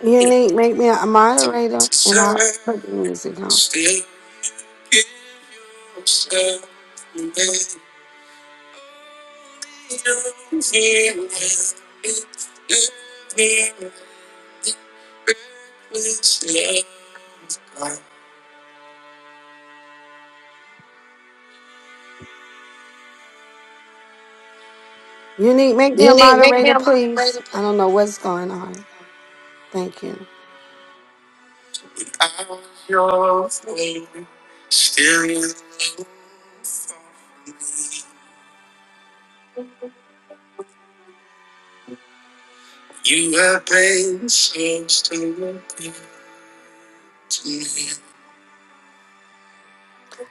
Unique, make me a moderator and I'll put the music on. Unique, make me a moderator, please. I don't know what's going on. Thank you.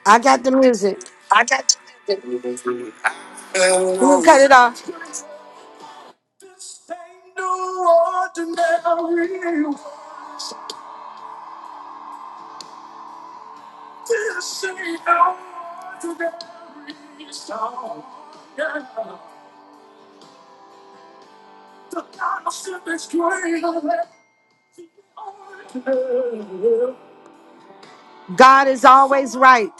I got the music. You can cut it off. God is always right.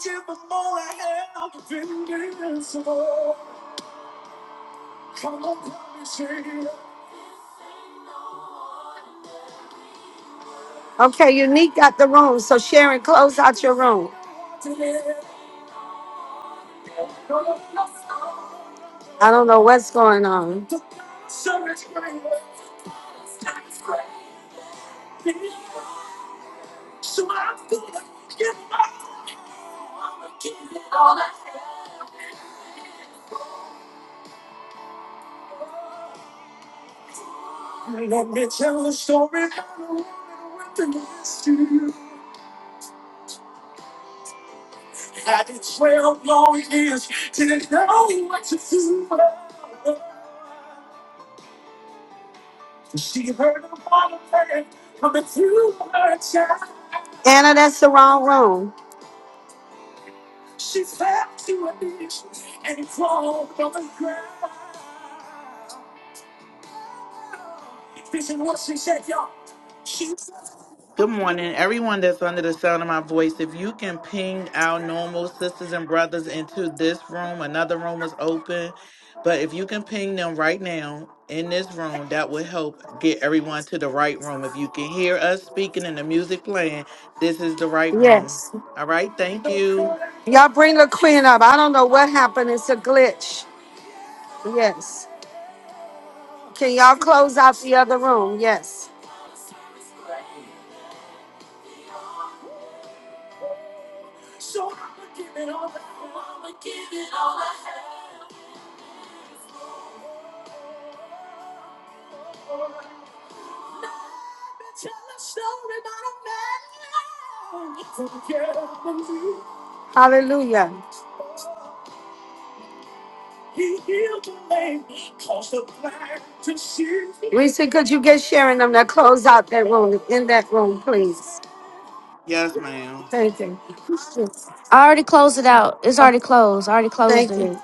Okay, Unique got the room. So Sharon, close out your room. I don't know what's going on. Anna, that's the wrong room. Good morning, everyone that's under the sound of my voice. If you can ping our normal sisters and brothers into this room, another room was open, but if you can ping them right now in this room, that will help get everyone to the right room. If you can hear us speaking and the music playing, this is the right room. Yes. All right, thank you. Y'all bring the queen up. I don't know what happened. It's a glitch. Yes. Can y'all close out the other room? Yes. Hallelujah. Lisa, could you get Sharon them to close out that room, in that room, please? Yes, ma'am. Thank you. I already closed it out. It's already closed. I already closed Thank it. you.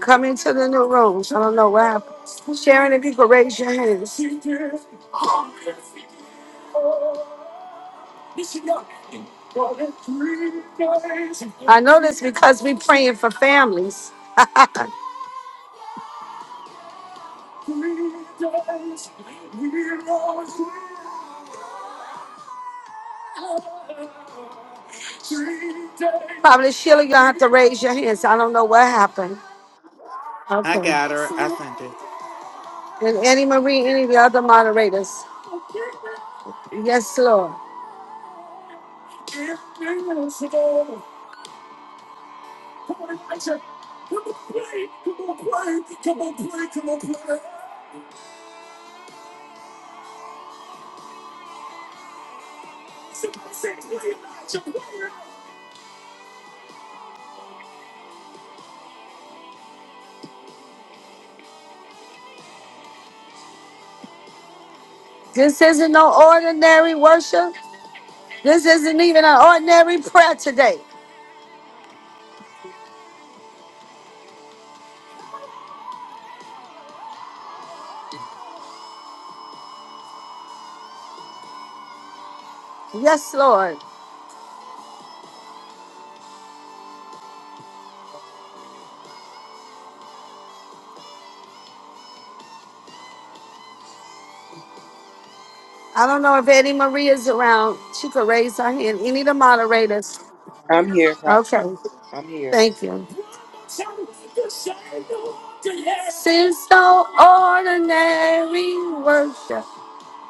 Come into the new room. I don't know what happened. Sharon, if you could raise your hands. I know this because we praying for families. Probably Sheila, you have to raise your hands. I don't know what happened. I Okay. got her. I sent it. And Annie Marie, any of the other moderators. Yes, Lord. This isn't no ordinary worship. This isn't even an ordinary prayer today. Yes, Lord. I don't know if Annie Marie is around. She could raise her hand. Any of the moderators. I'm here, Prophet. Okay. I'm here. Thank you. Since no ordinary worship.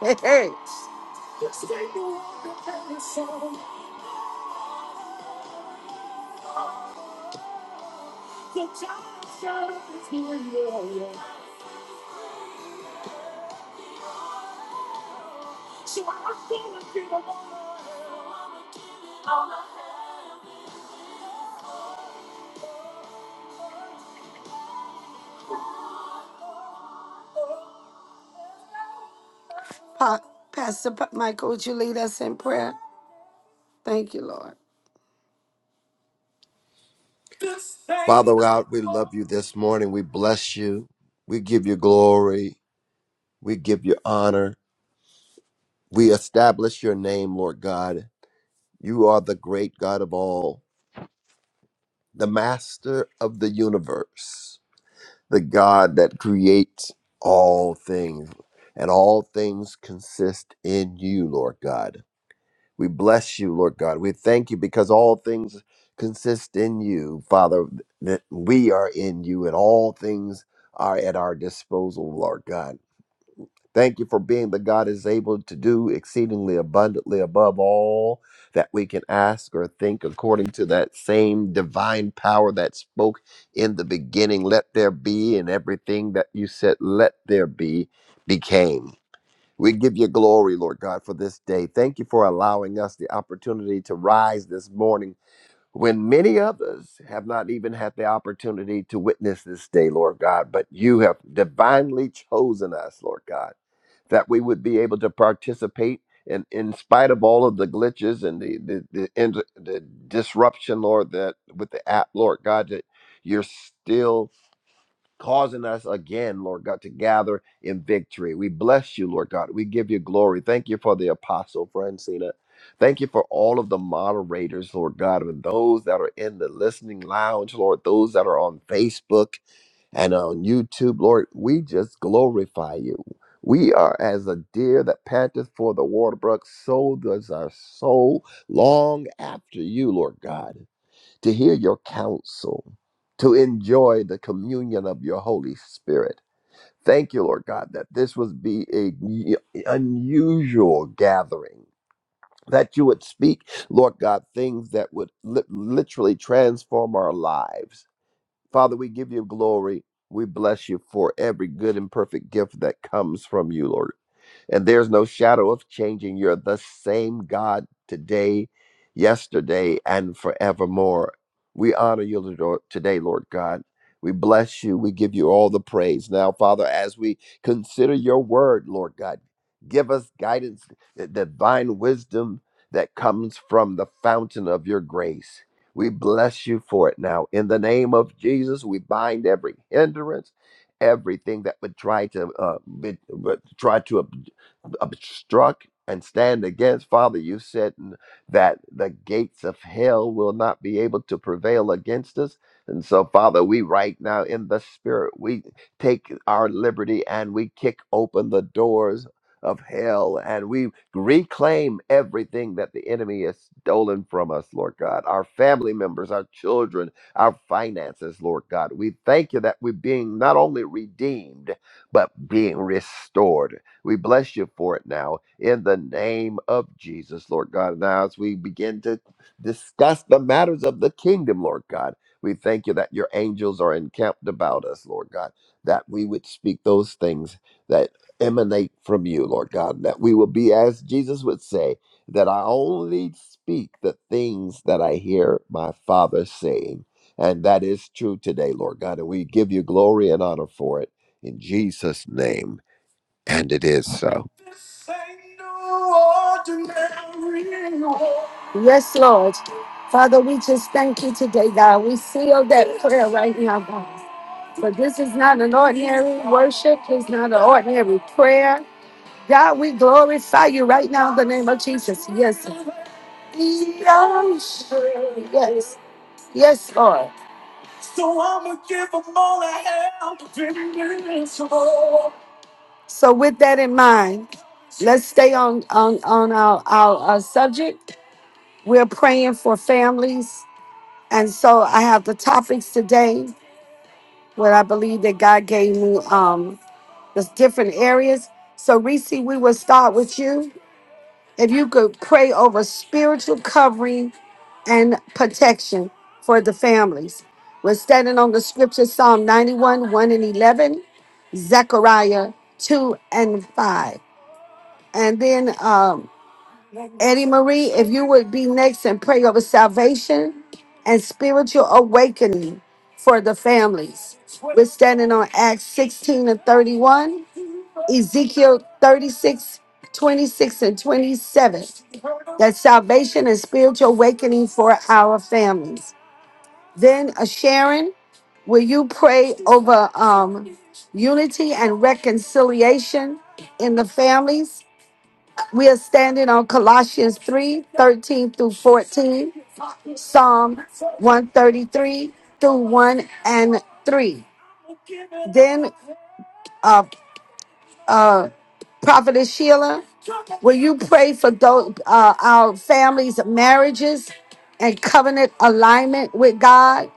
Hey, hey. Pa- Pastor Pa- Michael, would you lead us in prayer? Thank you, Lord. Father God, we love you this morning. We bless you. We give you glory. We give you honor. We establish your name, Lord God. You are the great God of all, the master of the universe, the God that creates all things, and all things consist in you, Lord God. We bless you, Lord God. We thank you because all things consist in you, Father, that we are in you and all things are at our disposal, Lord God. Thank you for being the God is able to do exceedingly abundantly above all that we can ask or think according to that same divine power that spoke in the beginning. Let there be, and everything that you said, let there be, became. We give you glory, Lord God, for this day. Thank you for allowing us the opportunity to rise this morning when many others have not even had the opportunity to witness this day, Lord God. But you have divinely chosen us, Lord God, that we would be able to participate. And in in spite of all of the glitches and the the, the, and the disruption, Lord, that with the app, Lord God, that you're still causing us again, Lord God, to gather in victory. We bless you, Lord God. We give you glory. Thank you for the apostle, Francina. Thank you for all of the moderators, Lord God, and those that are in the listening lounge, Lord, those that are on Facebook and on YouTube, Lord. We just glorify you. We are as a deer that panteth for the water brook, so does our soul long after you, Lord God to hear your counsel, to enjoy the communion of your Holy Spirit. Thank you, Lord God, that this would be an unusual gathering. That you would speak, Lord God, things that would li- literally transform our lives. Father, we give you glory. We bless you for every good and perfect gift that comes from you, Lord and there's no shadow of changing. You're the same God today, yesterday, and forevermore. We honor you Lord, today, Lord God. We bless you. We give you all the praise. Now, Father, as we consider your word, Lord God, give us guidance, the divine wisdom that comes from the fountain of your grace. We bless you for it now. In the name of Jesus, we bind every hindrance everything that would try to uh, be, would try to obstruct and stand against. Father, you said n- that the gates of hell will not be able to prevail against us. And so, Father, we right now in the spirit, we take our liberty and we kick open the doors of hell and we reclaim everything that the enemy has stolen from us, Lord God. Our family members, our children, our finances, Lord God. We thank you that we're being not only redeemed, but being restored. We bless you for it now in the name of Jesus, Lord God. now, as we begin to discuss the matters of the kingdom, Lord God, we thank you that your angels are encamped about us, Lord God, that we would speak those things that emanate from you, Lord God, that we will be, as Jesus would say, that I only speak the things that I hear my Father saying. And that is true today, Lord God. And we give you glory and honor for it in Jesus' name. And it is so. Yes, Lord. Father, we just thank you today, God. We seal that prayer right now, God. But this is not an ordinary worship. It's not an ordinary prayer. God, we glorify you right now in the name of Jesus. Yes. Yes. Yes, Lord. So with that in mind, let's stay on on on our our, uh subject. We're praying for families, and so I have the topics today where I believe that God gave me um the different areas. So Reese, we will start with you. If you could pray over spiritual covering and protection for the families. We're standing on the scripture Psalm 91, 1 and 11, Zechariah 2 and 5. And then um, Eddie Marie, if you would be next and pray over salvation and spiritual awakening for the families. We're standing on Acts 16 and 31, Ezekiel 36 26 and 27. That salvation and spiritual awakening for our families. Then uh, Sharon, will you pray over um, unity and reconciliation in the families? We are standing on Colossians 3 13 through 14, Psalm 133 through 1 and 3. Then uh, uh, Prophetess Sheila, will you pray for those, uh, our families' marriages and covenant alignment with God?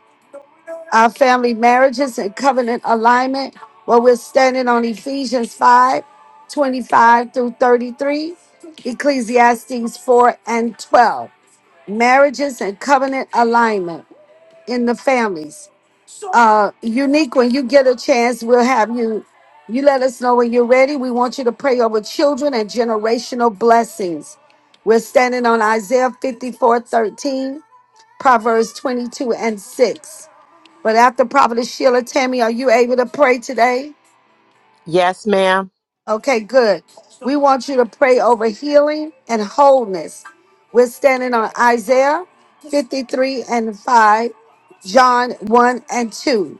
Our family marriages and covenant alignment. Well, we're standing on Ephesians 5, 25 through 33, Ecclesiastes 4 and 12. Marriages and covenant alignment in the families. Uh, unique, when you get a chance, we'll have you. You let us know when you're ready. We want you to pray over children and generational blessings. We're standing on Isaiah 54, 13, Proverbs 22 and 6. But after Prophet Sheila, Tammy, are you able to pray today? Yes, ma'am. Okay, good. We want you to pray over healing and wholeness. We're standing on Isaiah 53 and 5, John 1 and 2.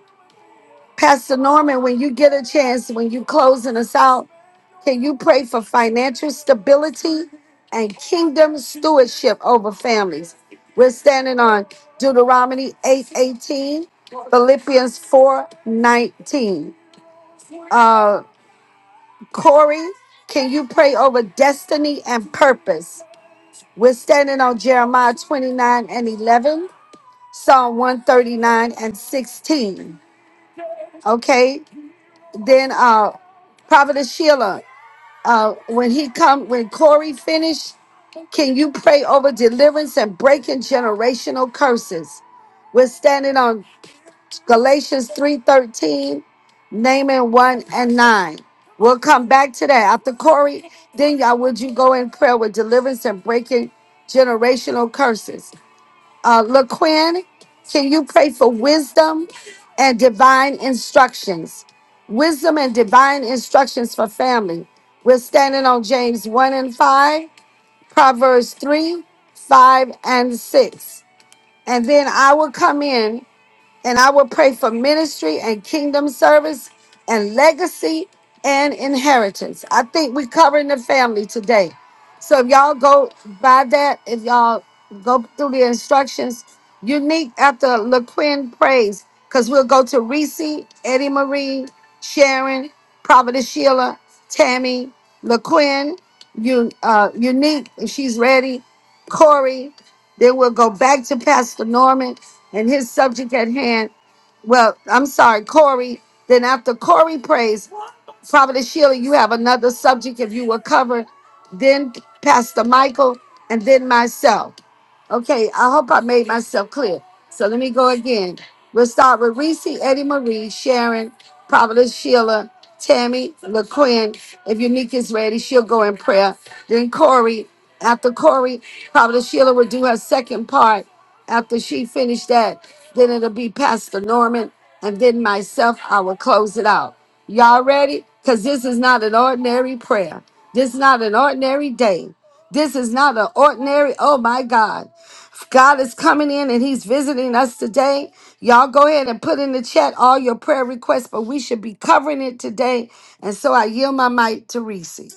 Pastor Norman, when you get a chance, when you closing us out, can you pray for financial stability and kingdom stewardship over families? We're standing on Deuteronomy 8:18, Philippians 4:19. Uh, Corey, can you pray over destiny and purpose? We're standing on Jeremiah 29 and 11, Psalm 139 and 16. Okay, Then uh Providence Sheila, uh when he come when Corey finished, can you pray over deliverance and breaking generational curses? We're standing on Galatians 3:13, naming one and nine. We'll come back to that after Corey. Then y'all would you go in prayer with deliverance and breaking generational curses? Uh, LaQuinn, can you pray for wisdom and divine instructions? Wisdom and divine instructions for family. We're standing on James 1 and 5, Proverbs 3, 5, and 6. And then I will come in and I will pray for ministry and kingdom service and legacy and inheritance. I think we're covering the family today. So if y'all go by that, if y'all go through the instructions, unique after LaQuinn prays, because we'll go to Reese, Eddie Marie, Sharon, Providence Sheila, Tammy, LaQuinn, you, uh, Unique, if she's ready, Corey, then we'll go back to Pastor Norman and his subject at hand. Well, I'm sorry, Corey. Then after Corey prays, Prophetess Sheila, you have another subject if you will cover, then Pastor Michael, and then myself. Okay, I hope I made myself clear. So let me go again. We'll start with Reese, Eddie Marie, Sharon, Prophetess Sheila, Tammy, LaQuinn. If Unique is ready, she'll go in prayer. Then Corey. After Corey, Prophetess Sheila will do her second part. After she finished that, then it'll be Pastor Norman and then myself. I will close it out. Y'all ready? Because this is not an ordinary prayer. This is not an ordinary day. This is not an ordinary, oh my God. God is coming in and He's visiting us today. Y'all go ahead and put in the chat all your prayer requests, but we should be covering it today. And so I yield my mic to Reese.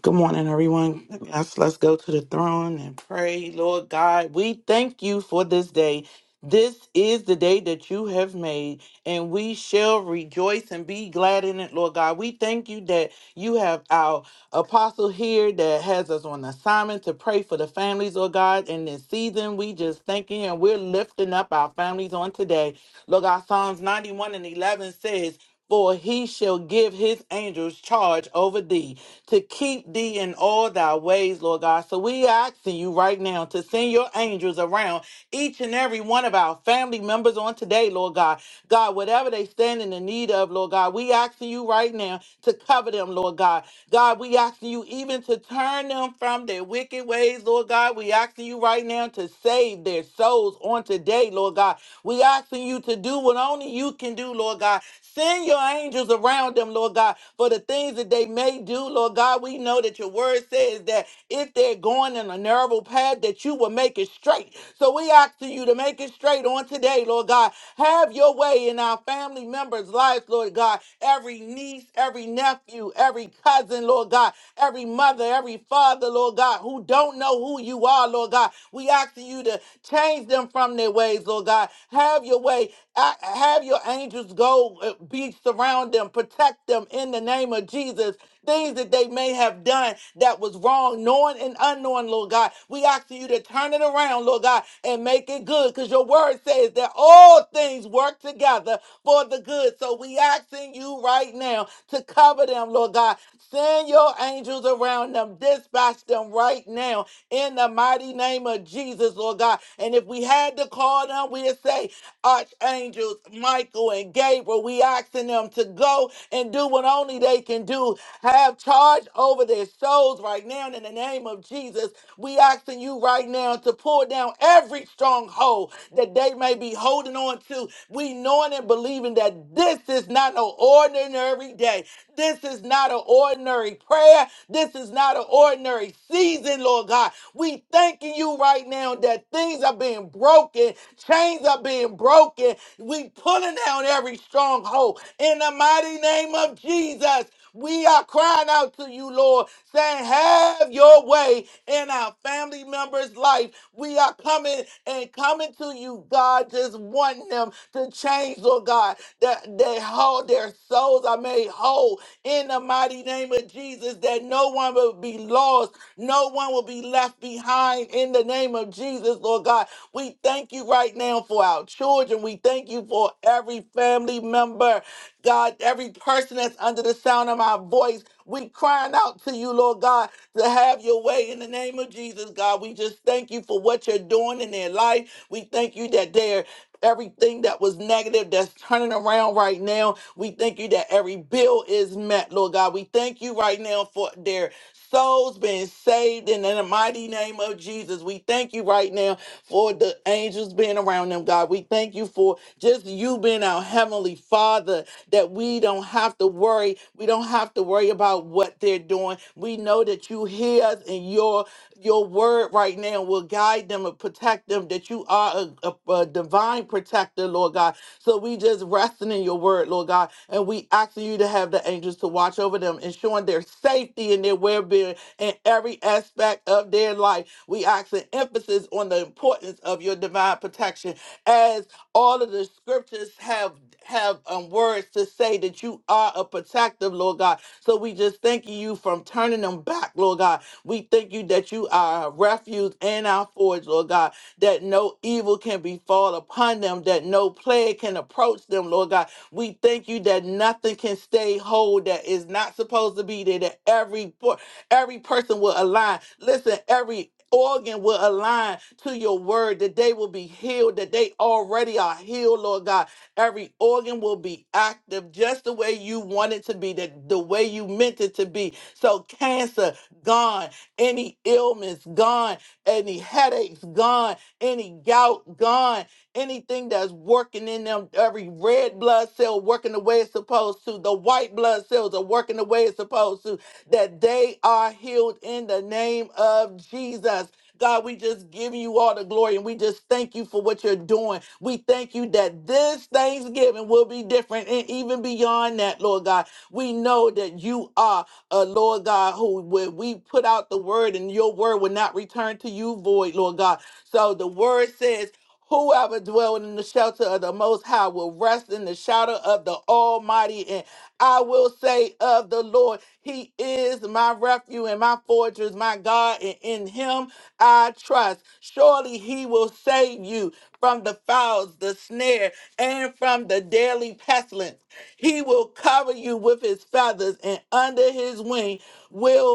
Good morning, everyone. Let's, let's go to the throne and pray. Lord God, we thank you for this day. This is the day that you have made, and we shall rejoice and be glad in it, Lord God. We thank you that you have our apostle here that has us on assignment to pray for the families, Lord God. In this season, we just thank you, and we're lifting up our families on today. Lord God, Psalms 91 and 11 says, For he shall give his angels charge over thee to keep thee in all thy ways, Lord God. So we asking you right now to send your angels around each and every one of our family members on today, Lord God. God, whatever they stand in the need of, Lord God, we asking you right now to cover them, Lord God. God, we asking you even to turn them from their wicked ways, Lord God. We asking you right now to save their souls on today, Lord God. We asking you to do what only you can do, Lord God. Send your angels around them, Lord God, for the things that they may do do, Lord God. We know that your word says that if they're going in a narrow path, that you will make it straight. So we ask you to make it straight on today, Lord God. Have your way in our family members' lives, Lord God. Every niece, every nephew, every cousin, Lord God, every mother, every father, Lord God, who don't know who you are, Lord God. We ask you to change them from their ways, Lord God. Have your way. A- Have your angels go, uh, be surround them, protect them in the name of Jesus things that they may have done that was wrong, knowing and unknowing, Lord God. We ask you to turn it around, Lord God, and make it good because your word says that all things work together for the good. So we asking you right now to cover them, Lord God. Send your angels around them, dispatch them right now in the mighty name of Jesus, Lord God. And if we had to call them, we'd say, Archangels Michael and Gabriel, we asking them to go and do what only they can do have charge over their souls right now in the name of Jesus. We asking you right now to pull down every stronghold that they may be holding on to. We knowing and believing that this is not an ordinary day. This is not an ordinary prayer. This is not an ordinary season, Lord God. We thanking you right now that things are being broken, chains are being broken. We pulling down every stronghold in the mighty name of Jesus. We are crying out to you, Lord, saying, Have your way in our family members' life. We are coming and coming to you, God, just wanting them to change, Lord God, that they whole their souls are made whole in the mighty name of Jesus, that no one will be lost, no one will be left behind in the name of Jesus, Lord God. We thank you right now for our children. We thank you for every family member. God, every person that's under the sound of my voice, we crying out to you, Lord God, to have your way in the name of Jesus, God. We just thank you for what you're doing in their life. We thank you that they're Everything that was negative that's turning around right now, we thank you that every bill is met, Lord God. We thank you right now for their souls being saved in the mighty name of Jesus. We thank you right now for the angels being around them, God. We thank you for just you being our heavenly Father, that we don't don't have to worry. We don't have to worry about what they're doing. We know that you hear us and your your word right now will guide them and protect them, that you are a, a, a divine protector, Lord God. So we just resting in your word, Lord God, and we asking you to have the angels to watch over them, ensuring their safety and their well-being in every aspect of their life. We ask an emphasis on the importance of your divine protection as all of the scriptures have have um, words to say that you are a protective lord god so we just thank you from turning them back lord god we thank you that you are our refuge and our forge lord god that no evil can befall upon them that no plague can approach them lord god we thank you that nothing can stay whole that is not supposed to be there that every por- every person will align listen every organ will align to your word, that they will be healed, that they already are healed, Lord God. Every organ will be active just the way you want it to be, that the way you meant it to be. So cancer gone, any ailments gone, any headaches gone, any gout gone, anything that's working in them, every red blood cell working the way it's supposed to, the white blood cells are working the way it's supposed to that they are healed in the name of Jesus. God, we just give you all the glory and we just thank you for what you're doing. We thank you that this Thanksgiving will be different and even beyond that, Lord God. We know that you are a Lord God who, when we put out the word and your word will not return to you void, Lord God. So the word says, Whoever dwells in the shelter of the Most High will rest in the shadow of the Almighty. And I will say of the Lord, He is my refuge and my fortress, my God, and in Him I trust. Surely He will save you from the fowls, the snare, and from the daily pestilence. He will cover you with His feathers, and under His wing will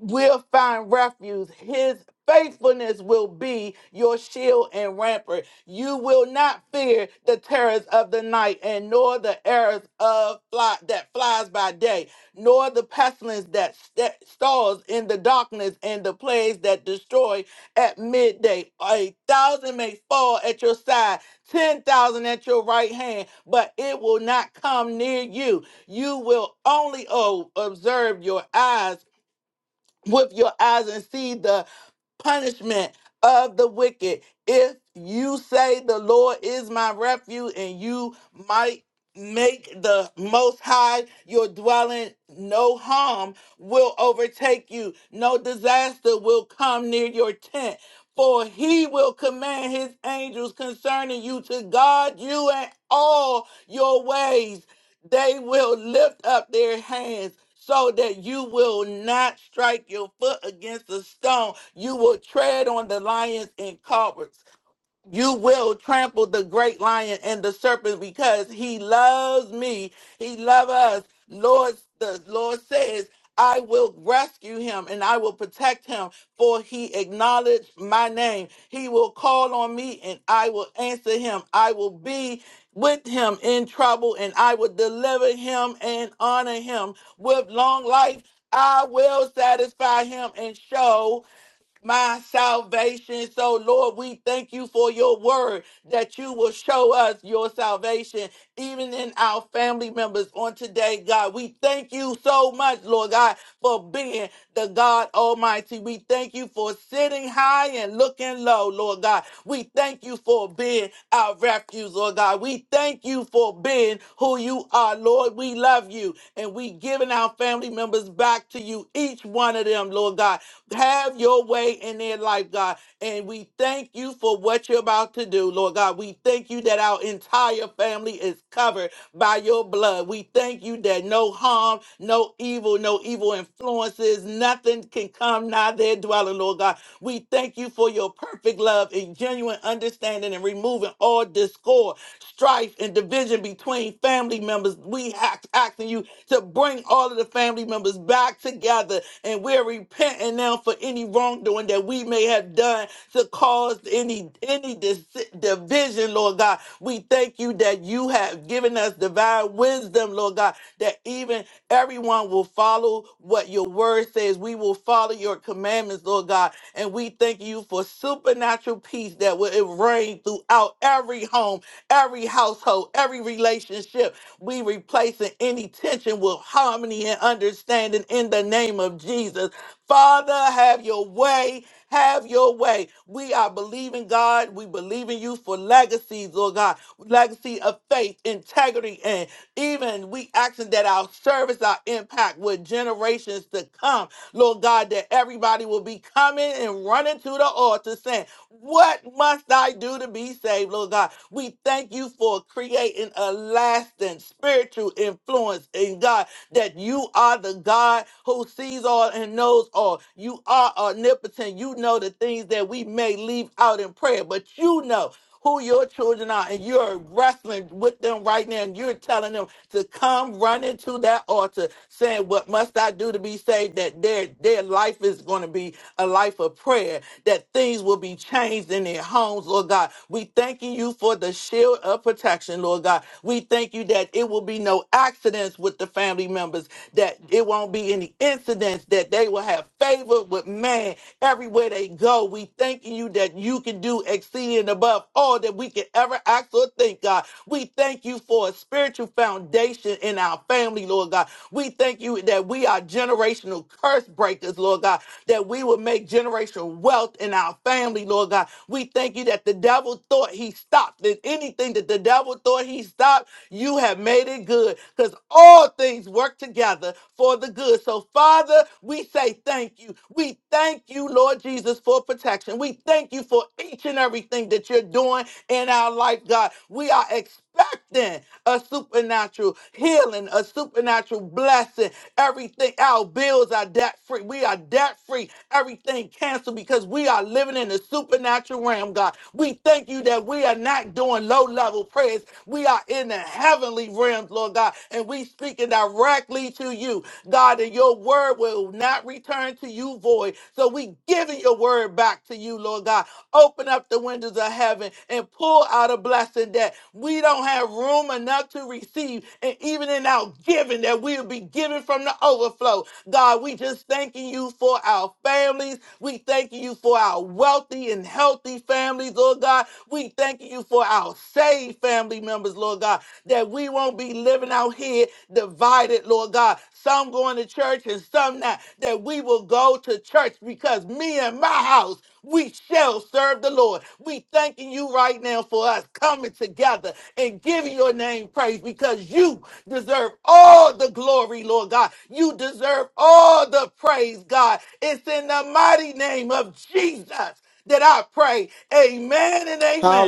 will find refuge. His faithfulness will be your shield and rampart. You will not fear the terrors of the night, and nor the arrows of fly, that flies by day, nor the pestilence that, that stalls in the darkness, and the plagues that destroy at midday. A thousand may fall at your side, ten thousand at your right hand, but it will not come near you. You will only oh, observe your eyes with your eyes and see the punishment of the wicked. If you say the Lord is my refuge and you might make the most high your dwelling, no harm will overtake you, no disaster will come near your tent. For he will command his angels concerning you to guard you in all your ways. They will lift up their hands so that you will not strike your foot against a stone. You will tread on the lions and cobras you will trample the great lion and the serpent because he loves me. He loves us. Lord, the Lord says, I will rescue him and I will protect him for he acknowledged my name. He will call on me and I will answer him. I will be with him in trouble and I will deliver him and honor him with long life. I will satisfy him and show my salvation. So, Lord, we thank you for your word that you will show us your salvation, even in our family members on today, God. We thank you so much, Lord God, for being the God Almighty. We thank you for sitting high and looking low, Lord God. We thank you for being our refuge, Lord God. We thank you for being who you are, Lord. We love you and we giving our family members back to you, each one of them, Lord God. Have your way in their life, God. And we thank you for what you're about to do, Lord God. We thank you that our entire family is covered by your blood. We thank you that no harm, no evil, no evil influences, nothing can come nigh their dwelling, Lord God. We thank you for your perfect love and genuine understanding and removing all discord, strife, and division between family members. We ask- asking you to bring all of the family members back together, and we're repenting even now for any wrongdoing that we may have done to cause any any dis- division, Lord God. We thank you that you have given us divine wisdom, Lord God, that even everyone will follow what your word says. We will follow your commandments, Lord God. And we thank you for supernatural peace that will reign throughout every home, every household, every relationship. We replacing any tension with harmony and understanding in the name of Jesus. Father, have your way. Have your way. We are believing God. We believe in you for legacies, Lord God, legacy of faith, integrity, and even we action that our service, our impact with generations to come. Lord God, that everybody will be coming and running to the altar saying, What must I do to be saved, Lord God? We thank you for creating a lasting spiritual influence in God that you are the God who sees all and knows all. You are omnipotent. You know the things that we may leave out in prayer, but you know who your children are, and you're wrestling with them right now, and you're telling them to come running to that altar, saying, "What must I do to be saved?" That their their life is going to be a life of prayer, that things will be changed in their homes, Lord God. We thanking you for the the shield of protection, Lord God. We thank you that it will be no accidents with the family members, that it won't be any incidents, that they will have favor with man everywhere they go. We thanking you that you can do exceeding and above all that we can ever ask or think, God. We thank you for a spiritual foundation in our family, Lord God. We thank you that we are generational curse breakers, Lord God that we would make generational wealth in our family, Lord God. We thank you that the devil thought he stopped. That anything that the devil thought he stopped, you have made it good because all things work together for the good. So, Father, we say thank you. We thank you, Lord Jesus, for protection. We thank you for each and everything that you're doing in our life, God. We are expecting a supernatural healing, a supernatural blessing, Everything, our bills are debt free. We are debt free. Everything canceled because we are living in the supernatural realm, God. We thank you that we are not doing low level prayers. We are in the heavenly realms, Lord God, and we speaking directly to you. God, and your word will not return to you void. So we giving your word back to you, Lord God. Open up the windows of heaven and pull out a blessing that we don't have room enough to receive. And even in our giving, that we'll be given from the overflow. God, we just thanking you for for our families. We thank you for our wealthy and healthy families, Lord God. We thank you for our saved family members, Lord God, that we won't be living out here divided, Lord God. Some going to church and some not. That we will go to church because me and my house, we shall serve the Lord. We thanking you right now for us coming together and giving your name praise because you deserve all the glory, Lord God. You deserve all the praise, God. It's in the mighty name of Jesus that I pray. Amen and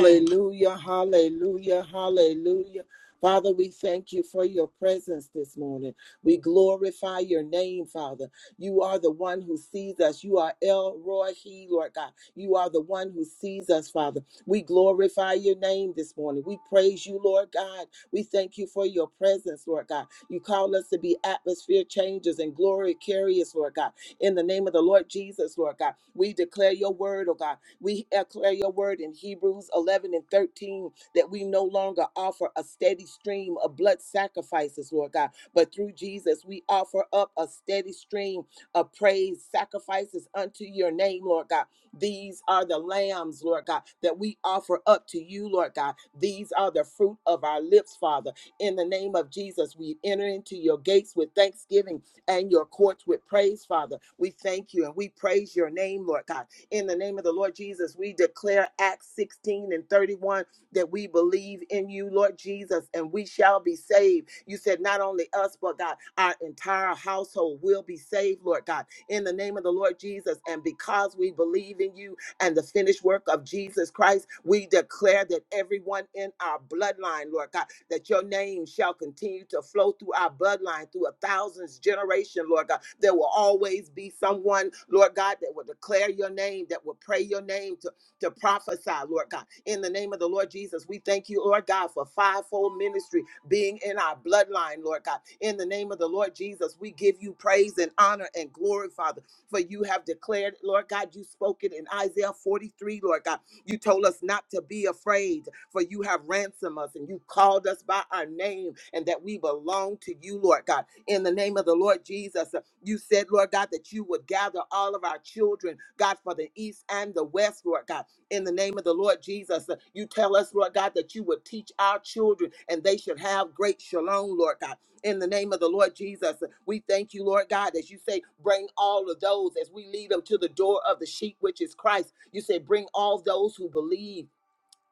amen. hallelujah, hallelujah. Father, we thank you for your presence this morning. We glorify your name, Father. You are the one who sees us. You are El Roy, He, Lord God. You are the one who sees us, Father. We glorify your name this morning. We praise you, Lord God. We thank you for your presence, Lord God. You call us to be atmosphere changers and glory carriers, Lord God. in the name of the Lord Jesus, Lord God. We declare your word, oh God. We declare your word in Hebrews 11 and 13 that we no longer offer a steady stream of blood sacrifices, Lord God, but through Jesus, we offer up a steady stream of praise sacrifices unto your name, Lord God. These are the lambs, Lord God, that we offer up to you, Lord God. These are the fruit of our lips, Father. In the name of Jesus, we enter into your gates with thanksgiving and your courts with praise, Father. We thank you and we praise your name, Lord God. In the name of the Lord Jesus, we declare Acts 16 and 31 that we believe in you, Lord Jesus, and we shall be saved. You said not only us, but God, our entire household will be saved, Lord God, in the name of the Lord Jesus. And because we believe in you, and the finished work of Jesus Christ, we declare that everyone in our bloodline, Lord God, that your name shall continue to flow through our bloodline through a thousandth generation, Lord God. There will always be someone, Lord God, that will declare your name, that will pray your name to, to prophesy, Lord God. In the name of the Lord Jesus, we thank you, Lord God, for fivefold ministry being in our bloodline, Lord God. In the name of the Lord Jesus, we give you praise and honor and glory, Father. For you have declared, Lord God, you spoke it in Isaiah 43, Lord God. You told us not to be afraid, for you have ransomed us and you called us by our name and that we belong to you, Lord God. In the name of the Lord Jesus, uh, you said, Lord God, that you would gather all of our children, God, for the east and the west, Lord God. In the name of the Lord Jesus, uh, you tell us, Lord God, that you would teach our children and they should have great shalom, Lord God in the name of the Lord Jesus. We thank you, Lord God, as you say, bring all of those as we lead them to the door of the sheep, which is Christ. You say, bring all those who believe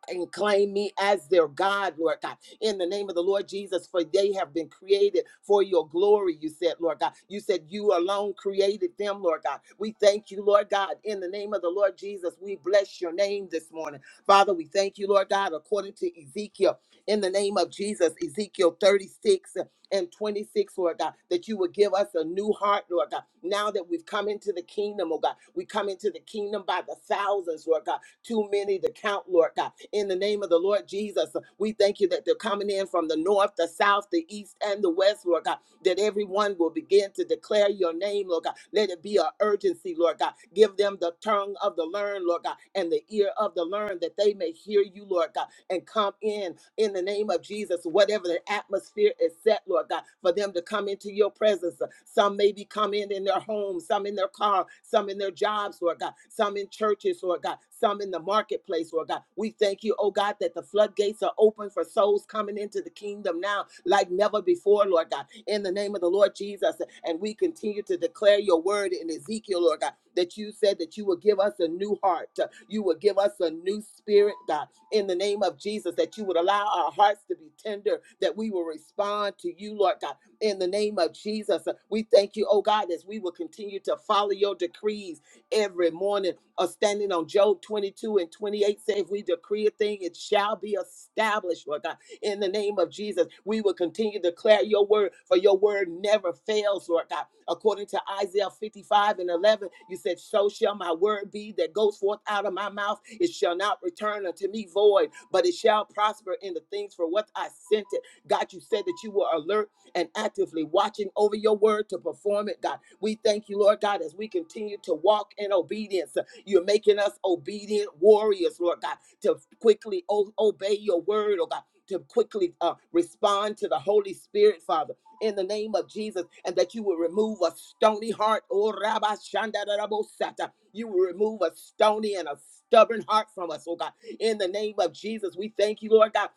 and claim me as their God, Lord God, in the name of the Lord Jesus, for they have been created for your glory, you said, Lord God. You said you alone created them, Lord God. We thank you, Lord God, in the name of the Lord Jesus. We bless your name this morning. Father, we thank you, Lord God, according to Ezekiel, in the name of Jesus, Ezekiel 36 and 26, Lord God, that you would give us a new heart, Lord God. Now that we've come into the kingdom, oh God, we come into the kingdom by the thousands, Lord God too many to count, Lord God. In the name of the Lord Jesus, we thank you that they're coming in from the north, the south, the east, and the west, Lord God, that everyone will begin to declare your name, Lord God. Let it be an urgency, Lord God. Give them the tongue of the learned, Lord God, and the ear of the learned that they may hear you, Lord God, and come in in the name of Jesus. Whatever the atmosphere is set, Lord God, for them to come into your presence. Some may be coming in their homes, some in their car, some in their jobs, Lord God, some in churches, Lord God, some from in the marketplace, Lord God. We thank you, oh God, that the floodgates are open for souls coming into the kingdom now like never before, Lord God. In the name of the Lord Jesus, and we continue to declare your word in Ezekiel, Lord God, that you said that you will give us a new heart. You will give us a new spirit, God, in the name of Jesus, that you would allow our hearts to be tender, that we will respond to you, Lord God, in the name of Jesus. We thank you, oh God, as we will continue to follow your decrees every morning are standing on Job 22 and 28 say if we decree a thing it shall be established Lord God in the name of Jesus we will continue to declare your word for your word never fails Lord God according to Isaiah 55 and 11 you said so shall my word be that goes forth out of my mouth it shall not return unto me void but it shall prosper in the things for what I sent it God you said that you were alert and actively watching over your word to perform it, God. We thank you, Lord God, as we continue to walk in obedience. You're making us obedient warriors, Lord God, to quickly o- obey your word, oh God. To quickly uh, respond to the Holy Spirit, Father, in the name of Jesus, and that you will remove a stony heart, oh Rabbi Shandarabosata. You will remove a stony and a stubborn heart from us, oh God. In the name of Jesus, we thank you, Lord God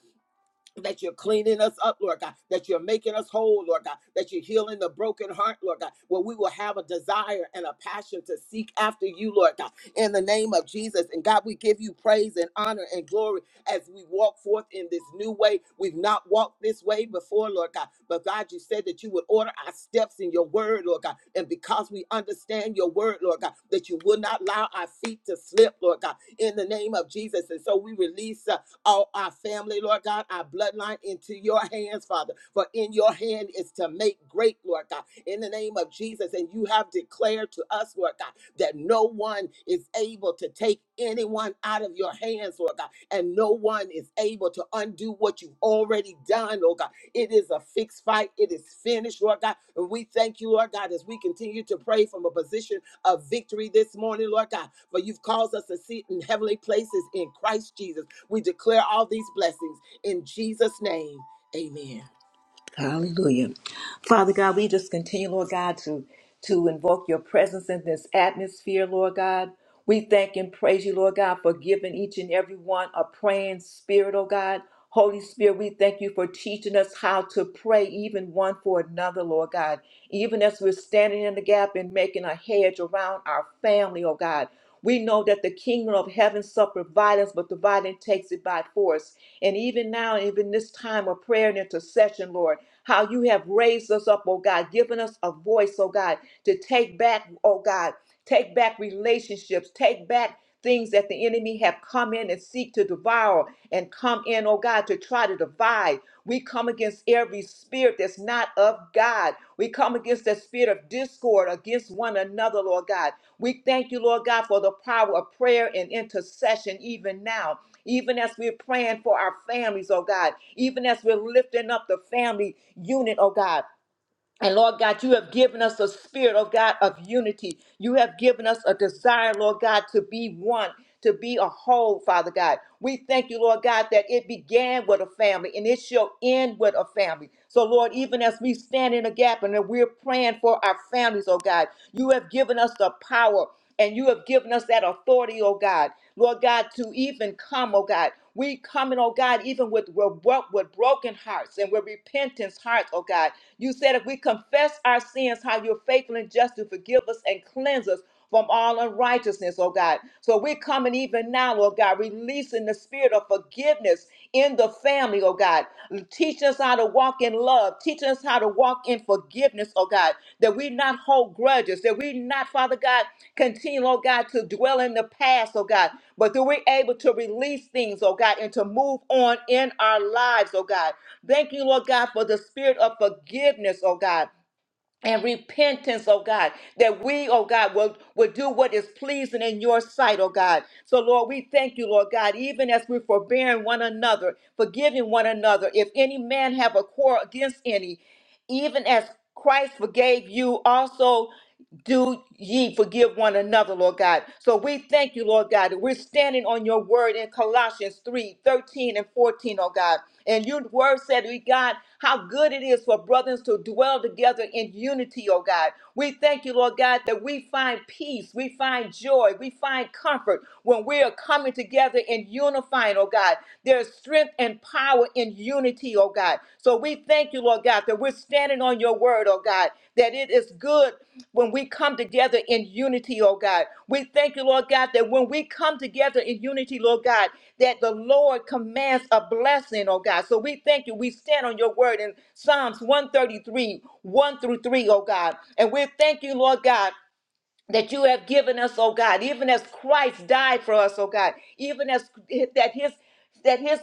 that you're cleaning us up, Lord God, that you're making us whole, Lord God, that you're healing the broken heart, Lord God, where we will have a desire and a passion to seek after you, Lord God, in the name of Jesus. And God, we give you praise and honor and glory as we walk forth in this new way. We've not walked this way before, Lord God, but God, you said that you would order our steps in your word, Lord God. And because we understand your word, Lord God, that you will not allow our feet to slip, Lord God, in the name of Jesus. And so we release. uh, all our family, Lord God, our bloodline into your hands, Father. For in your hand is to make great, Lord God, in the name of Jesus. And you have declared to us, Lord God, that no one is able to take anyone out of your hands, Lord God, and no one is able to undo what you've already done, Lord God. It is a fixed fight, it is finished, Lord God. And we thank you, Lord God, as we continue to pray from a position of victory this morning, Lord God. For you've caused us to sit in heavenly places in Christ Jesus. We declare all these blessings in Jesus' name. Amen. Hallelujah. Father God, we just continue, Lord God, to, to invoke your presence in this atmosphere, Lord God. We thank and praise you, Lord God, for giving each and every one a praying spirit, oh God. Holy Spirit, we thank you for teaching us how to pray even one for another, Lord God. Even as we're standing in the gap and making a hedge around our family, oh God. We know that the kingdom of heaven suffered violence, but the violent takes it by force. And even now, even this time of prayer and intercession, Lord, how you have raised us up, oh God, given us a voice, oh God, to take back, oh God, take back relationships, take back things that the enemy have come in and seek to devour and come in, oh God, to try to divide. We come against every spirit that's is not of God. We come against the spirit of discord against one another, Lord God. We thank you, Lord God, for the power of prayer and intercession even now. Even as we're praying for our families, oh God, even as we're lifting up the family unit, oh God. And Lord God, you have given us a spirit, oh God, of unity. You have given us a desire, Lord God, to be one, to be a whole, Father God. We thank you, Lord God, that it began with a family and it shall end with a family. So, Lord, even as we stand in a gap and we're praying for our families, oh God, you have given us the power and you have given us that authority, oh God, Lord God, to even come, oh God. We coming, oh God, even with, with, with broken hearts and with repentance hearts, oh God. You said if we confess our sins, how you're faithful and just to forgive us and cleanse us from all unrighteousness, oh God. So we're coming even now, oh God, releasing the spirit of forgiveness in the family, oh God. Teach us how to walk in love. Teach us how to walk in forgiveness, oh God, that we not hold grudges, that we not, Father God, continue, oh God, to dwell in the past, oh God, but that we're able to release things, oh God, and to move on in our lives, oh God. Thank you, Lord God, for the spirit of forgiveness, oh God and repentance, oh God, that we, oh God, will, will do what is pleasing in your sight, oh God. So, Lord, we thank you, Lord God, even as we're forbearing one another, forgiving one another. If any man have a quarrel against any, even as Christ forgave you, also do ye forgive one another, Lord God. So we thank you, Lord God, that we're standing on your word in Colossians 3 13 and 14, O God. And your word said, we God, how good it is for brothers to dwell together in unity, oh God. We thank you, Lord God, that we find peace, we find joy, we find comfort when we are coming together and unifying, oh God. There's strength and power in unity, oh God. So we thank you, Lord God, that we're standing on your word, oh God, that it is good when we come together in unity, oh God. We thank you, Lord God, that when we come together in unity, Lord God, that the Lord commands a blessing, oh God. So we thank you. We stand on your word in Psalms 133, 1 through 3, oh God. And we thank you, Lord God that you have given us, oh God, even as Christ died for us, oh God, even as that his that his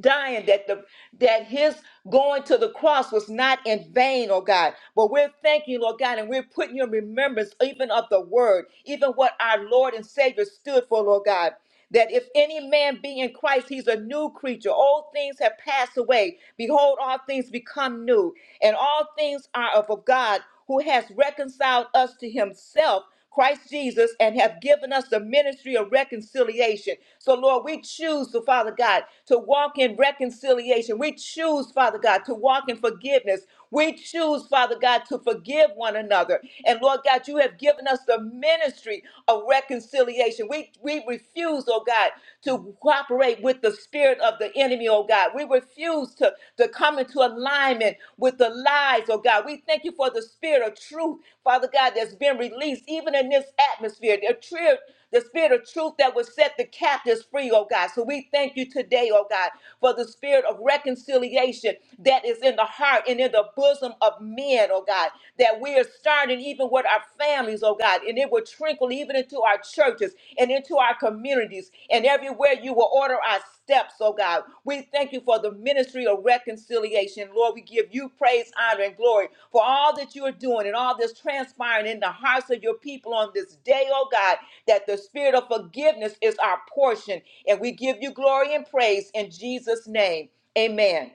dying, that the that his going to the cross was not in vain, oh God. But we're thanking you, Lord God, and we're putting your remembrance even of the word, even what our Lord and Savior stood for, Lord God. That if any man be in Christ, he's a new creature. Old things have passed away. Behold, all things become new. And all things are of God who has reconciled us to himself Christ Jesus and have given us the ministry of reconciliation. So, Lord, we choose to, Father God, to walk in reconciliation. We choose, Father God, to walk in forgiveness. We choose, Father God, to forgive one another. And Lord God, you have given us the ministry of reconciliation. We, we refuse, oh God, to cooperate with the spirit of the enemy, oh God. We refuse refuse to, to come into alignment with the lies, oh God. We thank you for the spirit of truth, Father God, that's been released even in this atmosphere. The truth, the spirit of truth that will set the captives free, oh God. So we thank you today, oh God, for the spirit of reconciliation that is in the heart and in the bosom of men, oh God, that we are starting even with our families, oh God, and it will trickle even into our churches and into our communities and everywhere you will order our steps, oh God. We thank you for the ministry of reconciliation. Lord, we give you praise, honor, and glory for all that you are doing and all that's transpiring in the hearts of your people on this day, oh God, that the spirit of forgiveness is our portion. And we give you glory and praise in Jesus' name. Amen.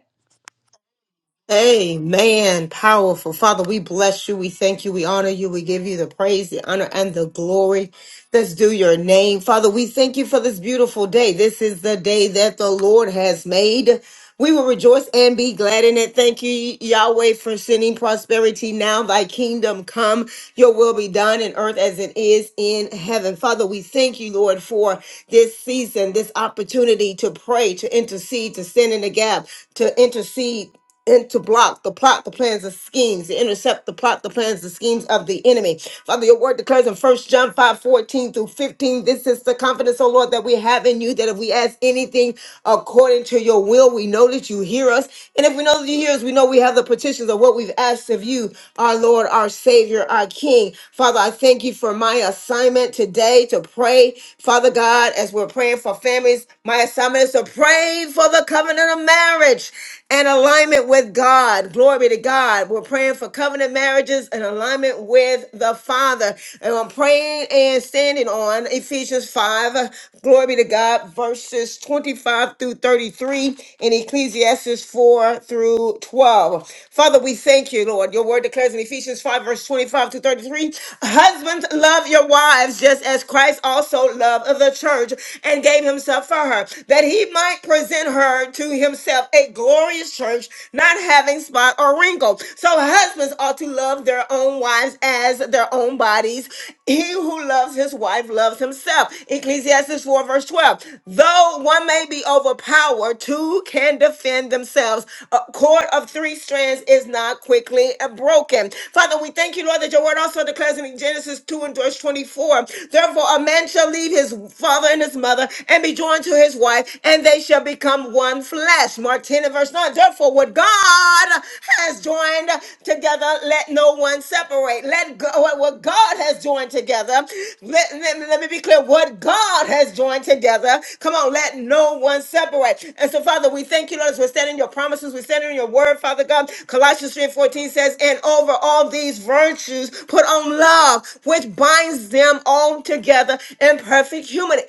Amen. Powerful. Father, we bless you. We thank you. We honor you. We give you the praise, the honor, and the glory that's due your name. Father, we thank you for this beautiful day. This is the day that the Lord has made. We will rejoice and be glad in it. Thank you, Yahweh, for sending prosperity now. Thy kingdom come, your will be done in earth as it is in heaven. Father, we thank you, Lord, for this season, this opportunity to pray, to intercede, to stand in the gap, to intercede and to block the plot, the plans, the schemes, to intercept the plot, the plans, the schemes of the enemy. Father, your word declares in First John five fourteen through 15, this is the confidence, O Lord, that we have in you, that if we ask anything according to your will, we know that you hear us. And if we know that you hear us, we know we have the petitions of what we've asked of you, our Lord, our Savior, our King. Father, I thank you for my assignment today to pray. Father God, as we're praying for families, my assignment is to pray for the covenant of marriage marriage and alignment with God. Glory to God. We're praying for covenant marriages and alignment with the Father. And I'm praying and standing on Ephesians 5, uh, glory to God, verses 25 through 33 and Ecclesiastes 4 through 12. Father, we thank you, Lord. Your word declares in Ephesians 5, verse 25 to 33, husbands love your wives just as Christ also loved the church and gave himself for her, that he might present given her to himself a glorious church, not having spot or wrinkle. So husbands ought to love their own wives as their own bodies. He who loves his wife loves himself. Ecclesiastes 4, verse 12. Though one may be overpowered, two can defend themselves. A cord of three strands is not quickly broken. Father, we thank you, Lord, that your word also declares in Genesis 2 and verse 24. Therefore, a man shall leave his father and his mother and be joined to his wife his wife, and they shall become one flesh. Mark 10 and verse 9. Therefore, what God has joined together, let no one separate. Let go what what God has joined together. Let, let, let me be clear. What God has joined together. Come on, let no one separate. And so, Father, we thank you, Lord, as we're standing in your promises, we're standing in your word, Father God. Colossians 3 and 14 says, And over all these virtues, put on love, which binds them all together in perfect human,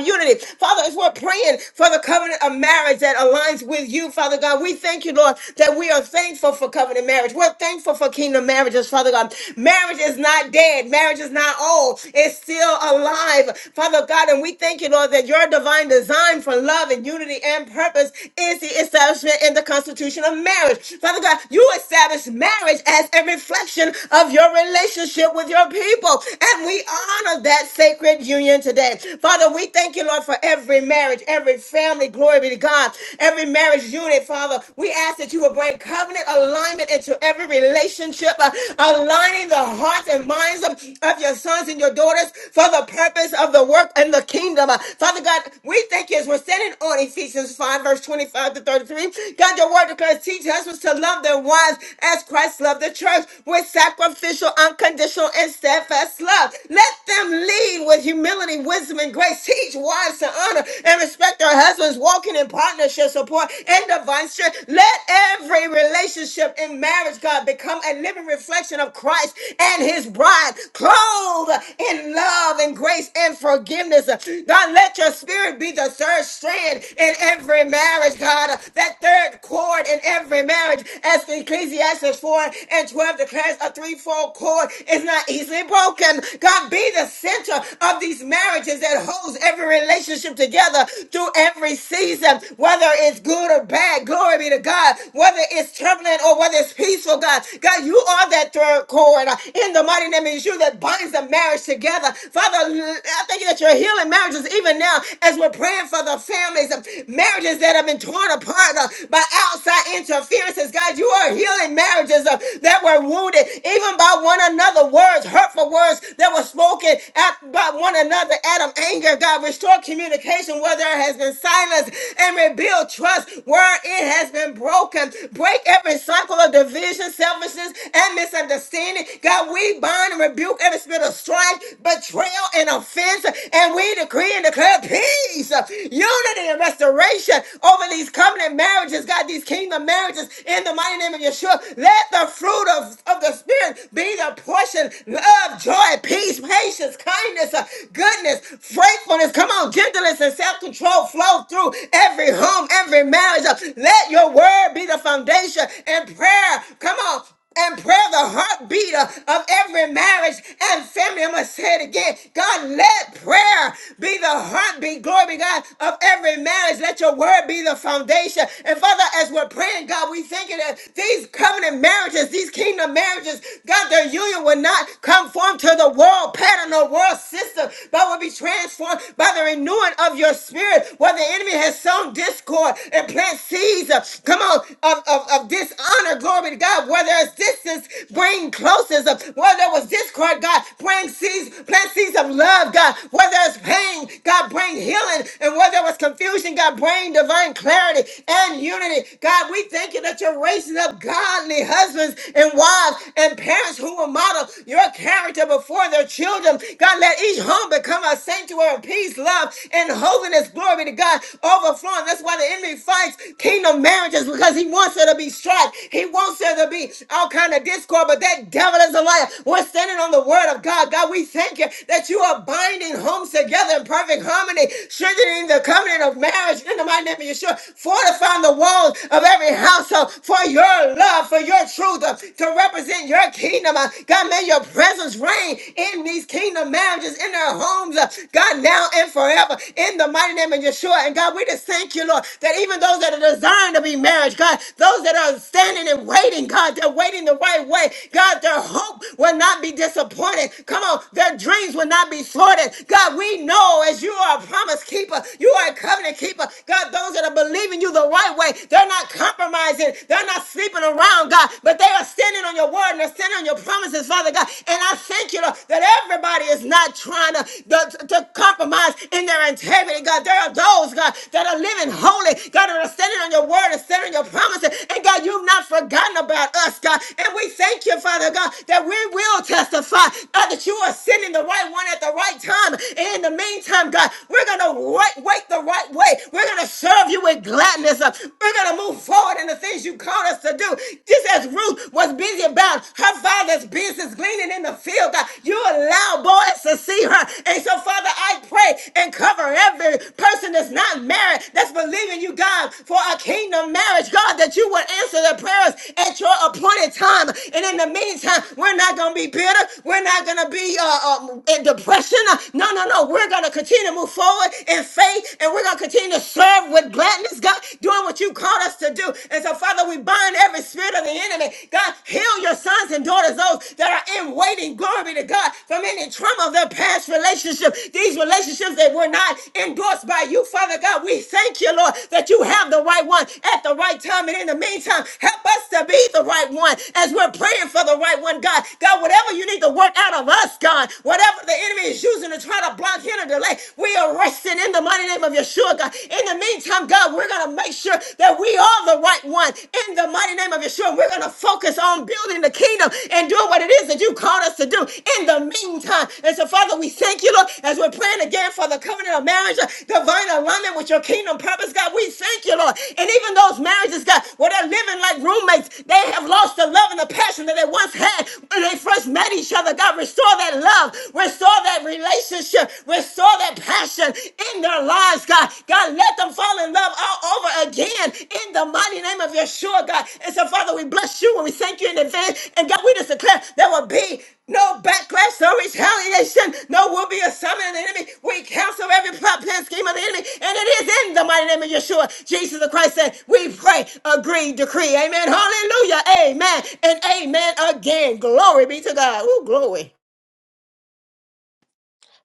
our unity. Father, as we're praying for the covenant of marriage that aligns with you, Father God, we thank you, Lord, that we are thankful for covenant marriage. We're thankful for kingdom marriages, Father God. Marriage is not dead, marriage is not old, it's still alive, Father God. And we thank you, Lord, that your divine design for love and unity and purpose is the establishment in the constitution of marriage. Father God, you establish marriage as a reflection of your relationship with your people. And we honor that sacred union union today. Father, we thank you, Lord, for every marriage, every family. Glory be to God. Every marriage unit, Father, we ask that you will bring covenant alignment into every relationship, uh, aligning the hearts and minds of, of your sons and your daughters for the purpose of the work and the kingdom. Uh, Father God, we thank you as we're standing on Ephesians 5, verse 25 to 33. God, your word declares, teach husbands to love their wives as Christ loved the church with sacrificial, unconditional, and steadfast love. Let them lead with humility, wisdom, and grace. Teach wives to honor and respect their husbands, walking in partnership, support, and divine strength. Let every relationship in marriage, God, become a living reflection of Christ and his bride, clothed in love and grace and forgiveness. God, let your spirit be the third strand in every marriage, God, that third cord in every marriage, as the Ecclesiastes 4 and 12 declares, a threefold cord is not easily broken. God, be the center of these marriages that holds every relationship together through every season, whether it's good or bad. Glory be to God. Whether it's turbulent or whether it's peaceful, God. God, you are that third cord uh, in the mighty name of you that binds the marriage together. Father, l- I thank you that you're healing marriages even now as we're praying for the families, of marriages that have been torn apart uh, by outside interferences. God, you are healing marriages uh, that were wounded, even by by one another words, hurtful words that were spoken at, by one another out of anger. God, restore communication where there has been silence and rebuild trust where it has been broken. Break every cycle of division, selfishness, and misunderstanding. God, we bind and rebuke every spirit of strife, betrayal, and offense, and we decree and declare peace, unity, and restoration over these covenant marriages, God, these kingdom marriages, in the mighty name of Yeshua. Let the fruit of gifts of the Spirit being a portion love, joy, peace, patience, kindness, uh, goodness, faithfulness. Come on, gentleness and self control flow through every home, every marriage. Uh, Let your word be the foundation and prayer. Come on, and prayer the heartbeat of of every marriage and family. I'm going to say it again. God, let prayer be the heartbeat, glory be God, of every marriage. Let your word be the foundation. And Father, as we're praying, God, we thank you that these Covenant marriages, these kingdom marriages, God, their union will not conform to the world pattern or world system, but will be transformed by the renewing of your spirit. Where the enemy has sown discord and plant seeds, uh, come on, of, of, of dishonor, glory to God. Where there's distance, bring closeness. Uh, Where there was discord, God, bring seeds, plant seeds of love, God. Where there's pain, God, bring healing. And where there was confusion, God, bring divine clarity and unity. God, we thank you thank you that you're raising up godly husbands and wives and parents who will model your character before their children. God, let each home become a sanctuary of peace, love, and holiness. Glory to God, overflowing. That's why the enemy fights kingdom marriages because he wants there to be strife. He wants there to be all kind of discord. But that devil is a liar. We're standing on the word of God. God, we thank you that you are binding homes together in perfect harmony, strengthening the covenant of marriage in the mighty name of Yeshua, fortifying the the walls of every household for your love, for your truth, uh, to represent your kingdom. Uh, God, may your presence reign in these kingdom marriages, in their homes, uh, God, now and forever, in the mighty name of Yeshua. And God, we just thank you, Lord, that even those that are designed to be married, God, those that are standing and waiting, God, they're waiting the right way. God, their hope will not be disappointed. Come on, their dreams will not be thwarted. God, we know as you are a promise keeper, you are a covenant keeper. God, those those that are believing you the right way, they're not compromising, they're not sleeping around, God, but they are standing on your word and they're standing on your promises, Father God. And I thank you, Lord, that everybody is not trying to, to, to compromise in their integrity, God. There are those, God, that are living holy, God, that are standing on your word and standing on your promises. And God, you've not forgotten about us, God. And we thank you, Father God, that we will testify uh, that you are sending the right one at the right time. In the meantime, God, we're going to wait, wait the right way. We're going to serve you with gladness. Uh, We're going to move forward in the things you called us to do. Just as Ruth was busy about her father's business, gleaning in the field, God, you allow boys to see her. And so, Father, I pray and cover every person that's not married, that's believing you, God, for a kingdom marriage, God, that you would answer their prayers at your appointed time. And in the meantime, we're not going to be bitter. We're not going to be uh, um, in depression. Uh, No, no, no. We're going to continue to move forward in faith and we're going to continue to serve with gladness, God, doing what you called us to do. And so, Father, we bind every spirit of the enemy. God, heal your sons and daughters, those that are in waiting, glory to God, from any trauma of their past relationship, these relationships that were not endorsed by you, Father God. We thank you, Lord, that you have the right one at the right time. And in the meantime, help us to be the right one as we're praying for the right one, God. God, whatever you need to work out of us, Yes, God. Whatever the enemy is using to try to block, hinder, delay, we arrest it in the mighty name of Yeshua, God. In the meantime, God, we're going to make sure that we are the right one. In the mighty name of Yeshua, we're going to focus on building the kingdom and doing what it is that you called us to do in the meantime. And so, Father, we thank you, Lord, as we're praying again for the covenant of marriage, uh, divine alignment with your kingdom purpose, God. We thank you, Lord. And even those marriages, God, where they're living like roommates, they have lost the love and the passion that they once had when they first met each other. God, restore Restore that love. Restore that relationship. Restore that passion in their lives, God. God, let them fall in love all over again in the mighty name of Yeshua, God. And so, Father, we bless you and we thank you in advance. And God, we just declare there will be no backlash, no retaliation, no will be a summon of the enemy. We cancel every plot, plan, scheme of the enemy. And it is in the mighty name of Yeshua, Jesus the Christ, that we pray, agree, decree. Amen. Hallelujah. Amen. And amen again. Glory be to God. Ooh, glory.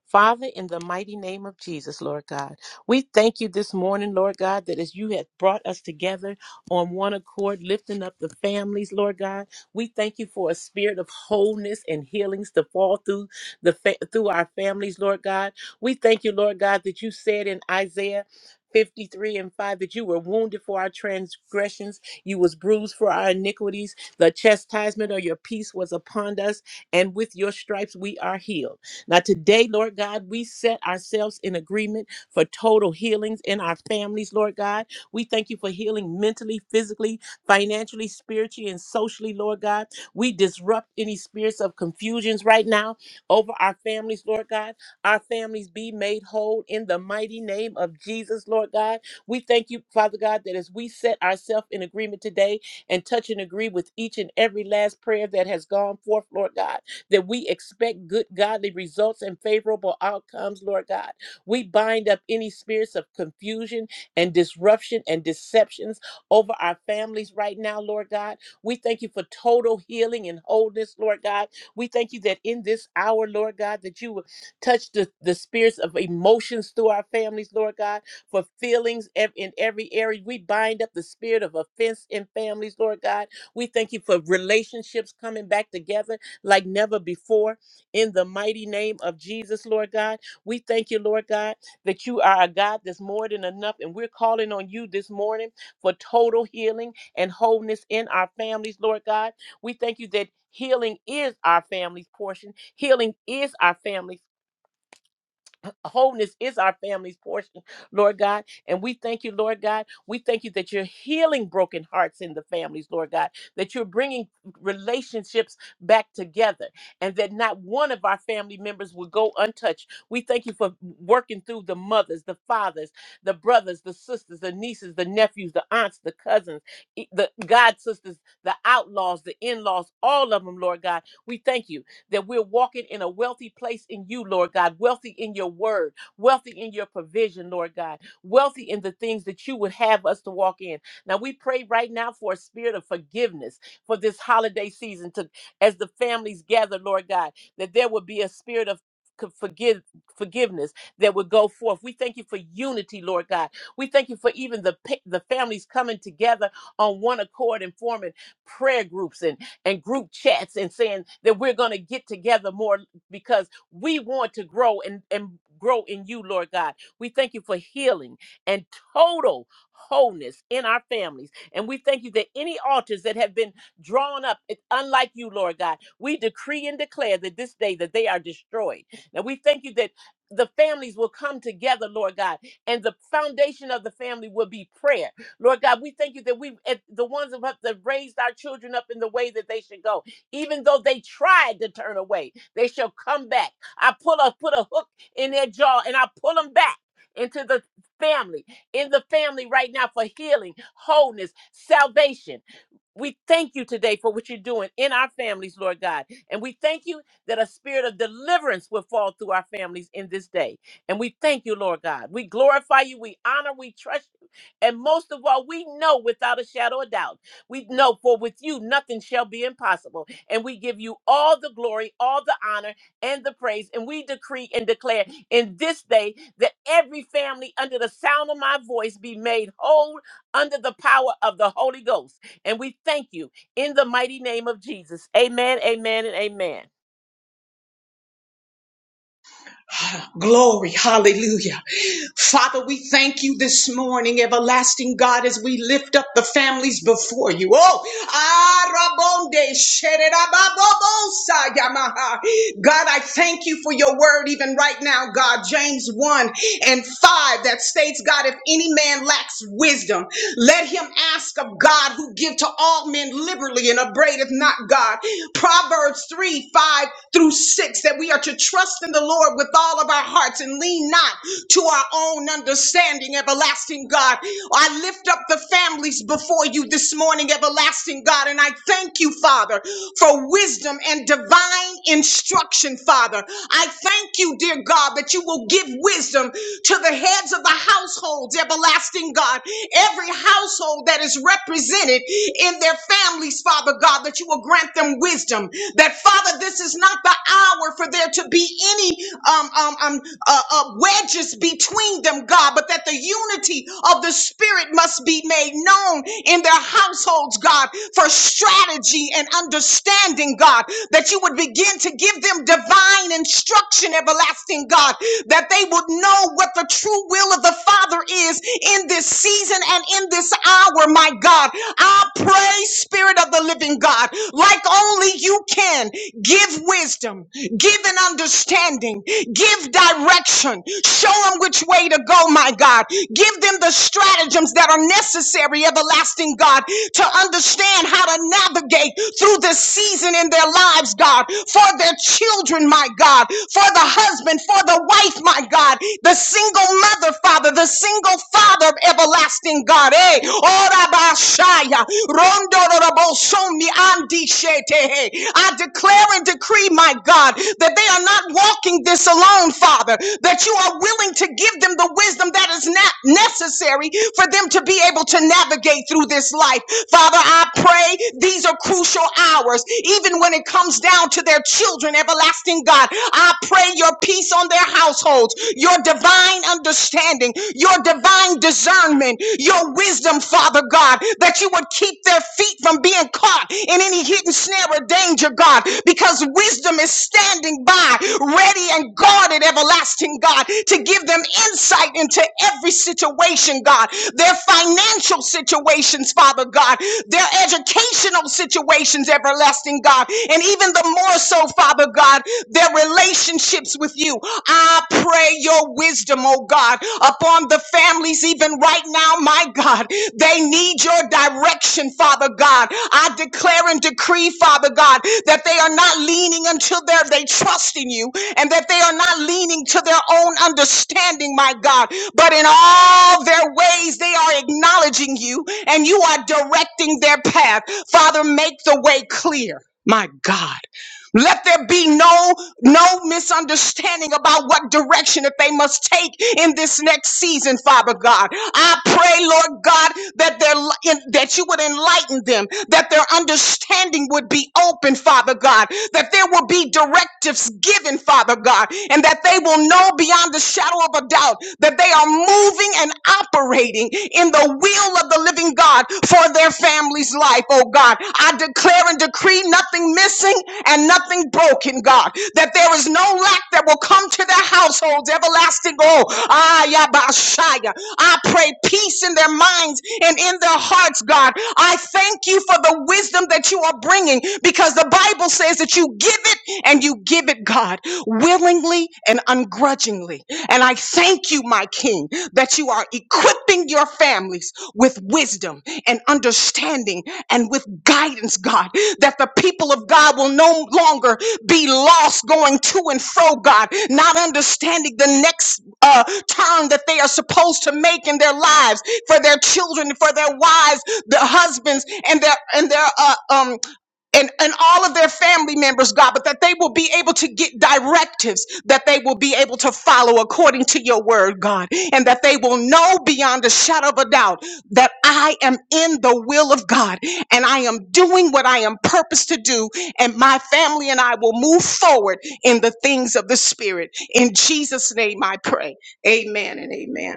Father, in the mighty name of Jesus, Lord God, we thank you this morning, Lord God, that as you have brought us together on one accord, lifting up the families, Lord God, we thank you for a spirit of wholeness and healings to fall through the fa- through our families, Lord God. We thank you, Lord God, that you said in Isaiah. 53 and 5 that you were wounded for our transgressions you was bruised for our iniquities the chastisement of your peace was upon us and with your stripes we are healed Now, today, Lord God, we set ourselves in agreement for total healings in our families, Lord God. We thank you for healing mentally, physically, financially, spiritually, and socially, Lord God. We disrupt any spirits of confusions right now over our families, Lord God. Our families be made whole in the mighty name of Jesus, Lord God. We thank you, Father God, that as we set ourselves in agreement today and touch and agree with each and every last prayer that has gone forth, Lord God that we expect good, godly results and favorable outcomes, Lord God. We bind up any spirits of confusion and disruption and deceptions over our families right now, Lord God. We thank you for total healing and wholeness, Lord God. We thank you that in this hour, Lord God, that you will touch the, the spirits of emotions through our families, Lord God, for feelings ev- in every area. We bind up the spirit of offense in families, Lord God. We thank you for relationships coming back together like never before. In the mighty name of Jesus, Lord God, we thank you, Lord God, that you are a God that's more than enough. And we're calling on you this morning for total healing and wholeness in our families, Lord God. We thank you that healing is our family's portion, healing is our family's. wholeness is our family's portion, Lord God. And we thank you, Lord God. We thank you that you're healing broken hearts in the families, Lord God, that you're bringing relationships back together, and that not one of our family members will go untouched. We thank you for working through the mothers, the fathers, the brothers, the sisters, the nieces, the nephews, the aunts, the cousins, e- the god sisters, the outlaws, the in laws, all of them, Lord God. We thank you that we're walking in a wealthy place in you, Lord God, wealthy in your word, wealthy in your provision, Lord God, wealthy in the things that you would have us to walk in. Now we pray right now for a spirit of forgiveness for this holiday season to as the families gather, Lord God, that there would be a spirit of co- forgive forgiveness that would go forth. We thank you for unity, Lord God. We thank you for even the pa- the families coming together on one accord and forming prayer groups and and group chats and saying that we're going to get together more because we want to grow and, and grow in you, Lord God. We thank you for healing and total wholeness in our families. And we thank you that any altars that have been drawn up, it- unlike you, Lord God, we decree and declare that this day that they are destroyed. Now we thank you that the families will come together, Lord God, and the foundation of the family will be prayer. Lord God, we thank you that we, at the ones of us that raised our children up in the way that they should go, even though they tried to turn away, they shall come back. I pull a put a hook in their jaw and I pull them back into the family, in the family right now for healing, wholeness, salvation. We thank you today for what you're doing in our families, Lord God. And we thank you that a spirit of deliverance will fall through our families in this day. And we thank you, Lord God. We glorify you, we honor, we trust you. And most of all, we know without a shadow of doubt, we know for with you nothing shall be impossible. And we give you all the glory, all the honor, and the praise. And we decree and declare in this day that every family under the sound of my voice be made whole under the power of the Holy Ghost and we thank you in the mighty name of Jesus. Amen, amen, and amen. Glory, hallelujah. Father, we thank you this morning, everlasting God, as we lift up the families before you. Oh, Arabonde shererababobosa yamaha. God, I thank you for your word even right now, God. James 1 and 5 that states, God, if any man lacks wisdom, let him ask of God who give to all men liberally and abradeth not God. Proverbs 3, 5 through 6 that we are to trust in the Lord with all of our hearts and lean not to our own understanding, everlasting God. God. I lift up the families before you this morning, everlasting God, and I thank you, Father, for wisdom and divine instruction, Father. I thank you, dear God, that you will give wisdom to the heads of the households, everlasting God. Every household that is represented in their families, Father God, that you will grant them wisdom. That, Father, this is not the hour for there to be any um um um um, uh, uh, wedges between them, God, but that the unity of the Spirit must be made known in their households, God, for strategy and understanding, God, that you would begin to give them divine instruction, everlasting God, that they would know what the true will of the Father is in this season and in this hour, my God. I pray, Spirit of the living God, like only you can man. Give wisdom, give an understanding, give direction, show them which way to go, my God. Give them the stratagems that are necessary, everlasting God, to understand how to navigate through this season in their lives, God, for their children, my God, for the husband, for the wife, my God, the single mother, Father, the single father of everlasting God. Eh? Ora Hey, Rondo Rabosoni Andi Shetehe. I declare and decree, my God, that they are not walking this alone, Father, that you are willing to give them the wisdom that is not necessary for them to be able to navigate through this life. Father, I pray these are crucial hours, even when it comes down to their children, everlasting God. I pray your peace on their households, your divine understanding, your your divine discernment, your wisdom, Father God, that you would keep their feet from being caught in any hidden snare or danger, God, because wisdom is standing by, ready and guarded, everlasting God, to give them insight into every situation, God, their financial situations, Father God, their educational situations, everlasting God, and even the more so, Father God, their relationships relationships with you. I pray your wisdom, oh God, upon the families even right now, my God. They need your direction, Father God. I declare and decree, Father God, that they are not leaning until they're, they trust in you and that they are not leaning to their own understanding, my God, but in all their ways, they are acknowledging you and you are directing their path. Father, make the way clear, my God. Let there be no no misunderstanding about what direction that they must take in this next season, Father God. I pray, Lord God, that their li- in- that you would enlighten them, that their understanding would be open, Father God, that there will be directives given, Father God, and that they will know beyond the shadow of a doubt that they are moving and operating participating in the will of the living God for their family's life, oh God. I declare and decree nothing missing and nothing broken, God, that there is no lack that will come to their households, everlasting. Oh, ah, yabashaya. I pray peace in their minds and in their hearts, God. I thank you for the wisdom that you are bringing because the Bible says that you give it and you give it, God, willingly and ungrudgingly. And I thank you, my King, that you are equipping your families with wisdom and understanding and with guidance, God, that the people of God will no longer be lost going to and fro, God, not understanding the next uh, turn that they are supposed to make in their lives for their children, for their wives, their husbands, and their and their uh, um and, and all of their family members, God, but that they will be able to get directives that they will be able to follow according to your word, God, and that they will know beyond a shadow of a doubt that I am in the will of God and I am doing what I am purposed to do, and my family and I will move forward in the things of the Spirit. In Jesus' name I pray. Amen and amen.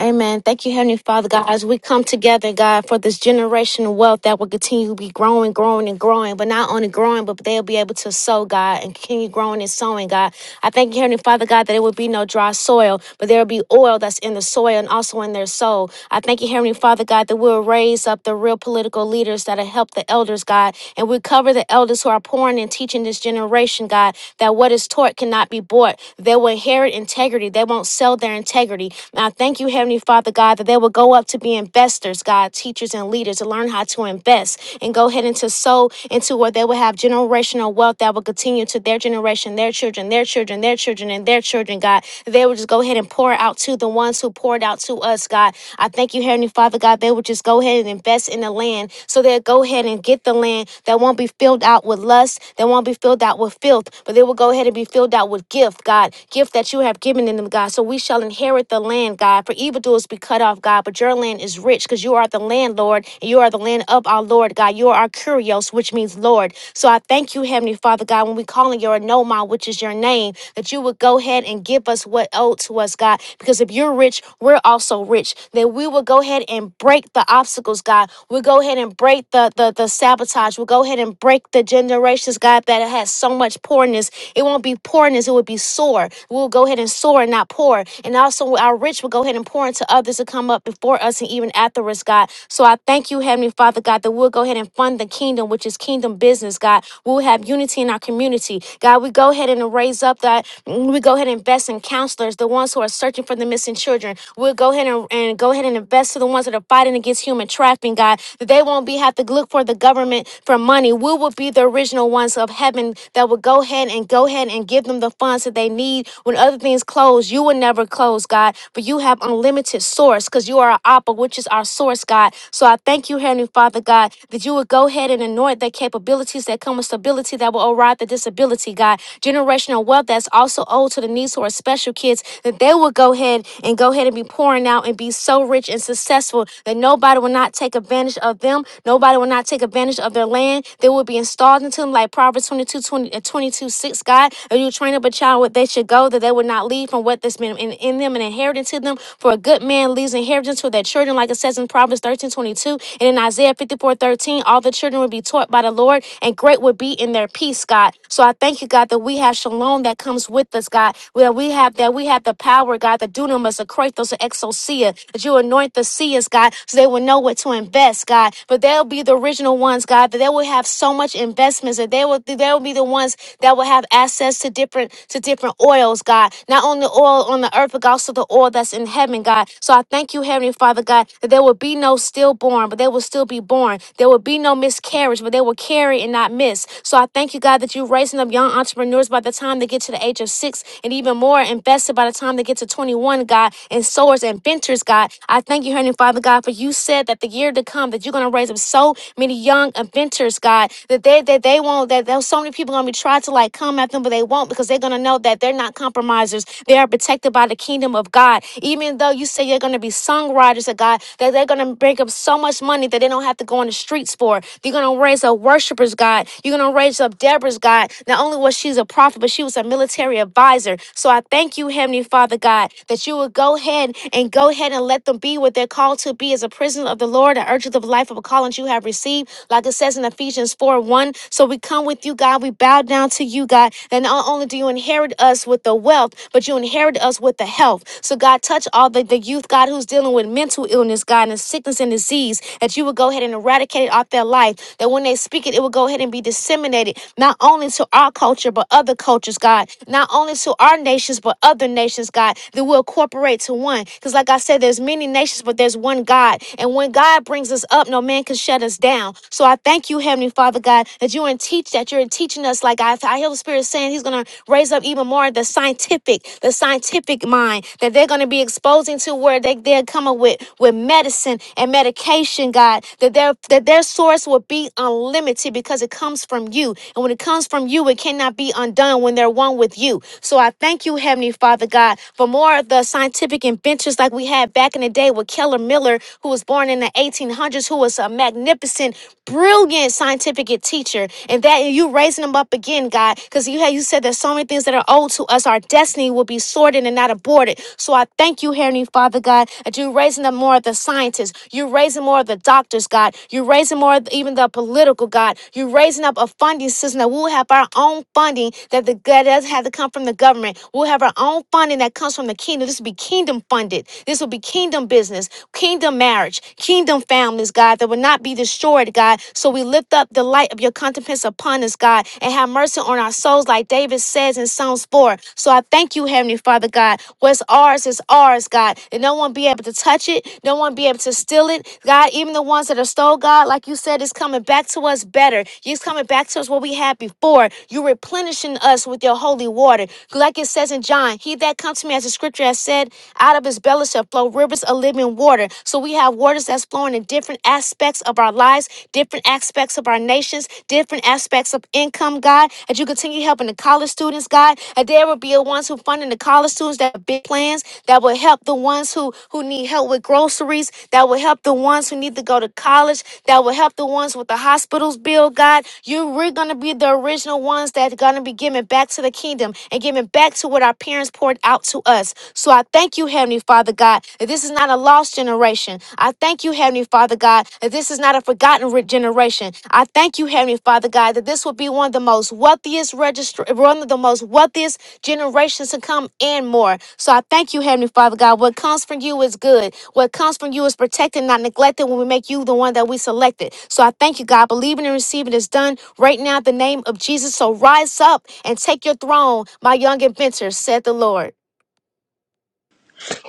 Amen. Thank you, Heavenly Father, God, as we come together, God, for this generational wealth that will continue to be growing, growing, and growing, but not only growing, but they'll be able to sow, God, and continue growing and sowing, God. I thank you, Heavenly Father God, that it would be no dry soil, but there will be oil that's in the soil and also in their soul. I thank you, Heavenly Father God, that we'll raise up the real political leaders that'll help the elders, God, and we cover the elders who are pouring and teaching this generation, God, that what is taught cannot be bought. They will inherit integrity. They won't sell their integrity. And I thank you, Heavenly Father God, that they will go up to be investors, God, teachers and leaders to learn how to invest and go ahead into sow into where they will have generational wealth wealth that will continue to their generation, their children, their children, their children, and their children, God. They will just go ahead and pour out to the ones who poured out to us, God. I thank you, Heavenly Father, God. They will just go ahead and invest in the land so they'll go ahead and get the land that won't be filled out with lust, that won't be filled out with filth, but they will go ahead and be filled out with gift, God. Gift that you have given in them, God. So we shall inherit the land, God. For evildoers be cut off, God. But your land is rich because you are the landlord and you are the land of our Lord, God. You are our Kurios, which means Lord. So I thank you, Heavenly Father God, when we call on your Anoma, which is your name, that you would go ahead and give us what owed to us, God. Because if you're rich, we're also rich. That we will go ahead and break the obstacles, God. We'll go ahead and break the, the, the sabotage. We'll go ahead and break the generations, God, that has so much poorness. It won't be poorness, it would be sore. We'll go ahead and soar and not pour. And also, our rich will go ahead and pour into others to come up before us and even after us, God. So I thank you, Heavenly Father God, that we'll go ahead and fund the kingdom, which is kingdom business, God. We'll have unity in our community. God, we go ahead and raise up that we go ahead and invest in counselors, the ones who are searching for the missing children. We'll go ahead and, and go ahead and invest to the ones that are fighting against human trafficking, God, that they won't be have to look for the government for money. We will be the original ones of heaven that will go ahead and go ahead and give them the funds that they need when other things close. You will never close, God, but you have unlimited source because you are our Abba, which is our source, God. So I thank you, Heavenly Father, God, that you would go ahead and anoint the capabilities that come with stability that will override the disability, God. Generational wealth that's also owed to the needs who are special kids, that they will go ahead and go ahead and be pouring out and be so rich and successful that nobody will not take advantage of them. Nobody will not take advantage of their land. They will be installed into them like Proverbs 22, twenty, uh, 22, 6, God. And you train up a child where they should go, that they would not leave from what they what this man in, in them and inheritance to them. For a good man leaves inheritance to their children, like it says in Proverbs thirteen twenty two And in Isaiah fifty four thirteen. all the children will be taught by the Lord, and great will be in their peace, God. So I thank you, God, that we have shalom that comes with us, God. Where we have that we have the power, God, the dunamis, the kratos, the exosia, that you anoint the seers, God, so they will know what to invest, God. But they'll be the original ones, God, that they will have so much investments that they will they will be the ones that will have access to different to different oils, God. Not only oil on the earth, but also the oil that's in heaven, God. So I thank you, Heavenly Father, God, that there will be no stillborn, but there will still be born. There will be no miscarriage, but they will carry and not miss. So I thank you, God, that you're raising up young entrepreneurs by the time they get to the age of six, and even more invested by the time they get to 21, God, and sowers and ventures, God. I thank you, Heavenly Father, God, for you said that the year to come that you're going to raise up so many young inventors, God, that they that they won't that there's so many people gonna be trying to like come at them, but they won't because they're gonna know that they're not compromisers. They are protected by the kingdom of God. Even though you say you're gonna be songwriters of God, that they're gonna bring up so much money that they don't have to go on the streets for. You're gonna raise up worshipers, God. You're gonna raise up Deborah's God. Not only was she a prophet, but she was a military advisor. So I thank you, Heavenly Father God, that you would go ahead and go ahead and let them be what they're called to be as a prisoner of the Lord, an urgent of the life of a calling you have received like it says in Ephesians 4 1. So we come with you, God. We bow down to you, God. And not only do you inherit us with the wealth, but you inherit us with the health. So, God, touch all the, the youth, God, who's dealing with mental illness, God, and sickness and disease, that you would go ahead and eradicate it off their life. That when they speak it, it will go ahead and be disseminated, not only to our culture, but other cultures, God. Not only to our nations, but other nations, God. That we'll incorporate to one. Because, like I said, there's many nations nations, but there's one God. And when God brings us up, no man can shut us down. So I thank you, Heavenly Father God, that you're in teach that you're in teaching us. Like I, I hear the Spirit saying, He's gonna raise up even more the scientific, the scientific mind that they're gonna be exposing to where they they're coming with with medicine and medication, God. That their that their source will be unlimited because it comes from you, and when it comes from you, it cannot be undone when they're one with you. So I thank you, Heavenly. Heavenly Father God, for more of the scientific inventions like we had back in the day with Keller Miller, who was born in the 1800s, who was a magnificent, brilliant scientific teacher. And that and you raising them up again, God, because you had you said there's so many things that are owed to us. Our destiny will be sorted and not aborted. So I thank you, Heavenly Father God, that you're raising up more of the scientists. You're raising more of the doctors, God. You're raising more of the- even the political, God. You're raising up a funding system that that we'll have our own funding that the that doesn't have to come from the government. We'll have our own funding that comes from the kingdom. This will be kingdom funded. This will be kingdom business, kingdom marriage, kingdom families, God, that will not be destroyed, God. So we lift up the light of your countenance upon us, God, and have mercy on our souls, like David says in Psalms 4. So I thank you, Heavenly Father, God. What's ours is ours, God. And no one be able to touch it, no one be able to steal it. God, even the ones that are stole, God, like you said, is coming back to us better. It's coming back to us what we had before. You're replenishing us with your holy water. Like it says in John, he that comes to me, as the scripture has said, out of his belly shall flow rivers of living water. So we have waters that's flowing in different aspects of our lives, different aspects of our nations, different aspects of income, God. As you continue helping the college students, God, and there will be the ones who funding the college students that have big plans that will help the ones ones who, who need help with groceries, that will help the ones who need to go to college, that will help the ones with the hospitals bill, God. You we're gonna be the original ones that are gonna be giving back to the kingdom and giving back to what our parents poured out to us. So I thank you, Heavenly Father God, that this is not a lost generation. I thank you, Heavenly Father God, that this is not a forgotten re- generation. I thank you, Heavenly Father God, that this will be one of the most wealthiest register one of the most wealthiest generations to come and more. So I thank you, Heavenly Father God. What comes from you is good. What comes from you is protected, not neglected when we make you the one that we selected. So I thank you, God. Believing and receiving is done right now in the name of Jesus. So rise up and take your throne, my young inventor, said the Lord.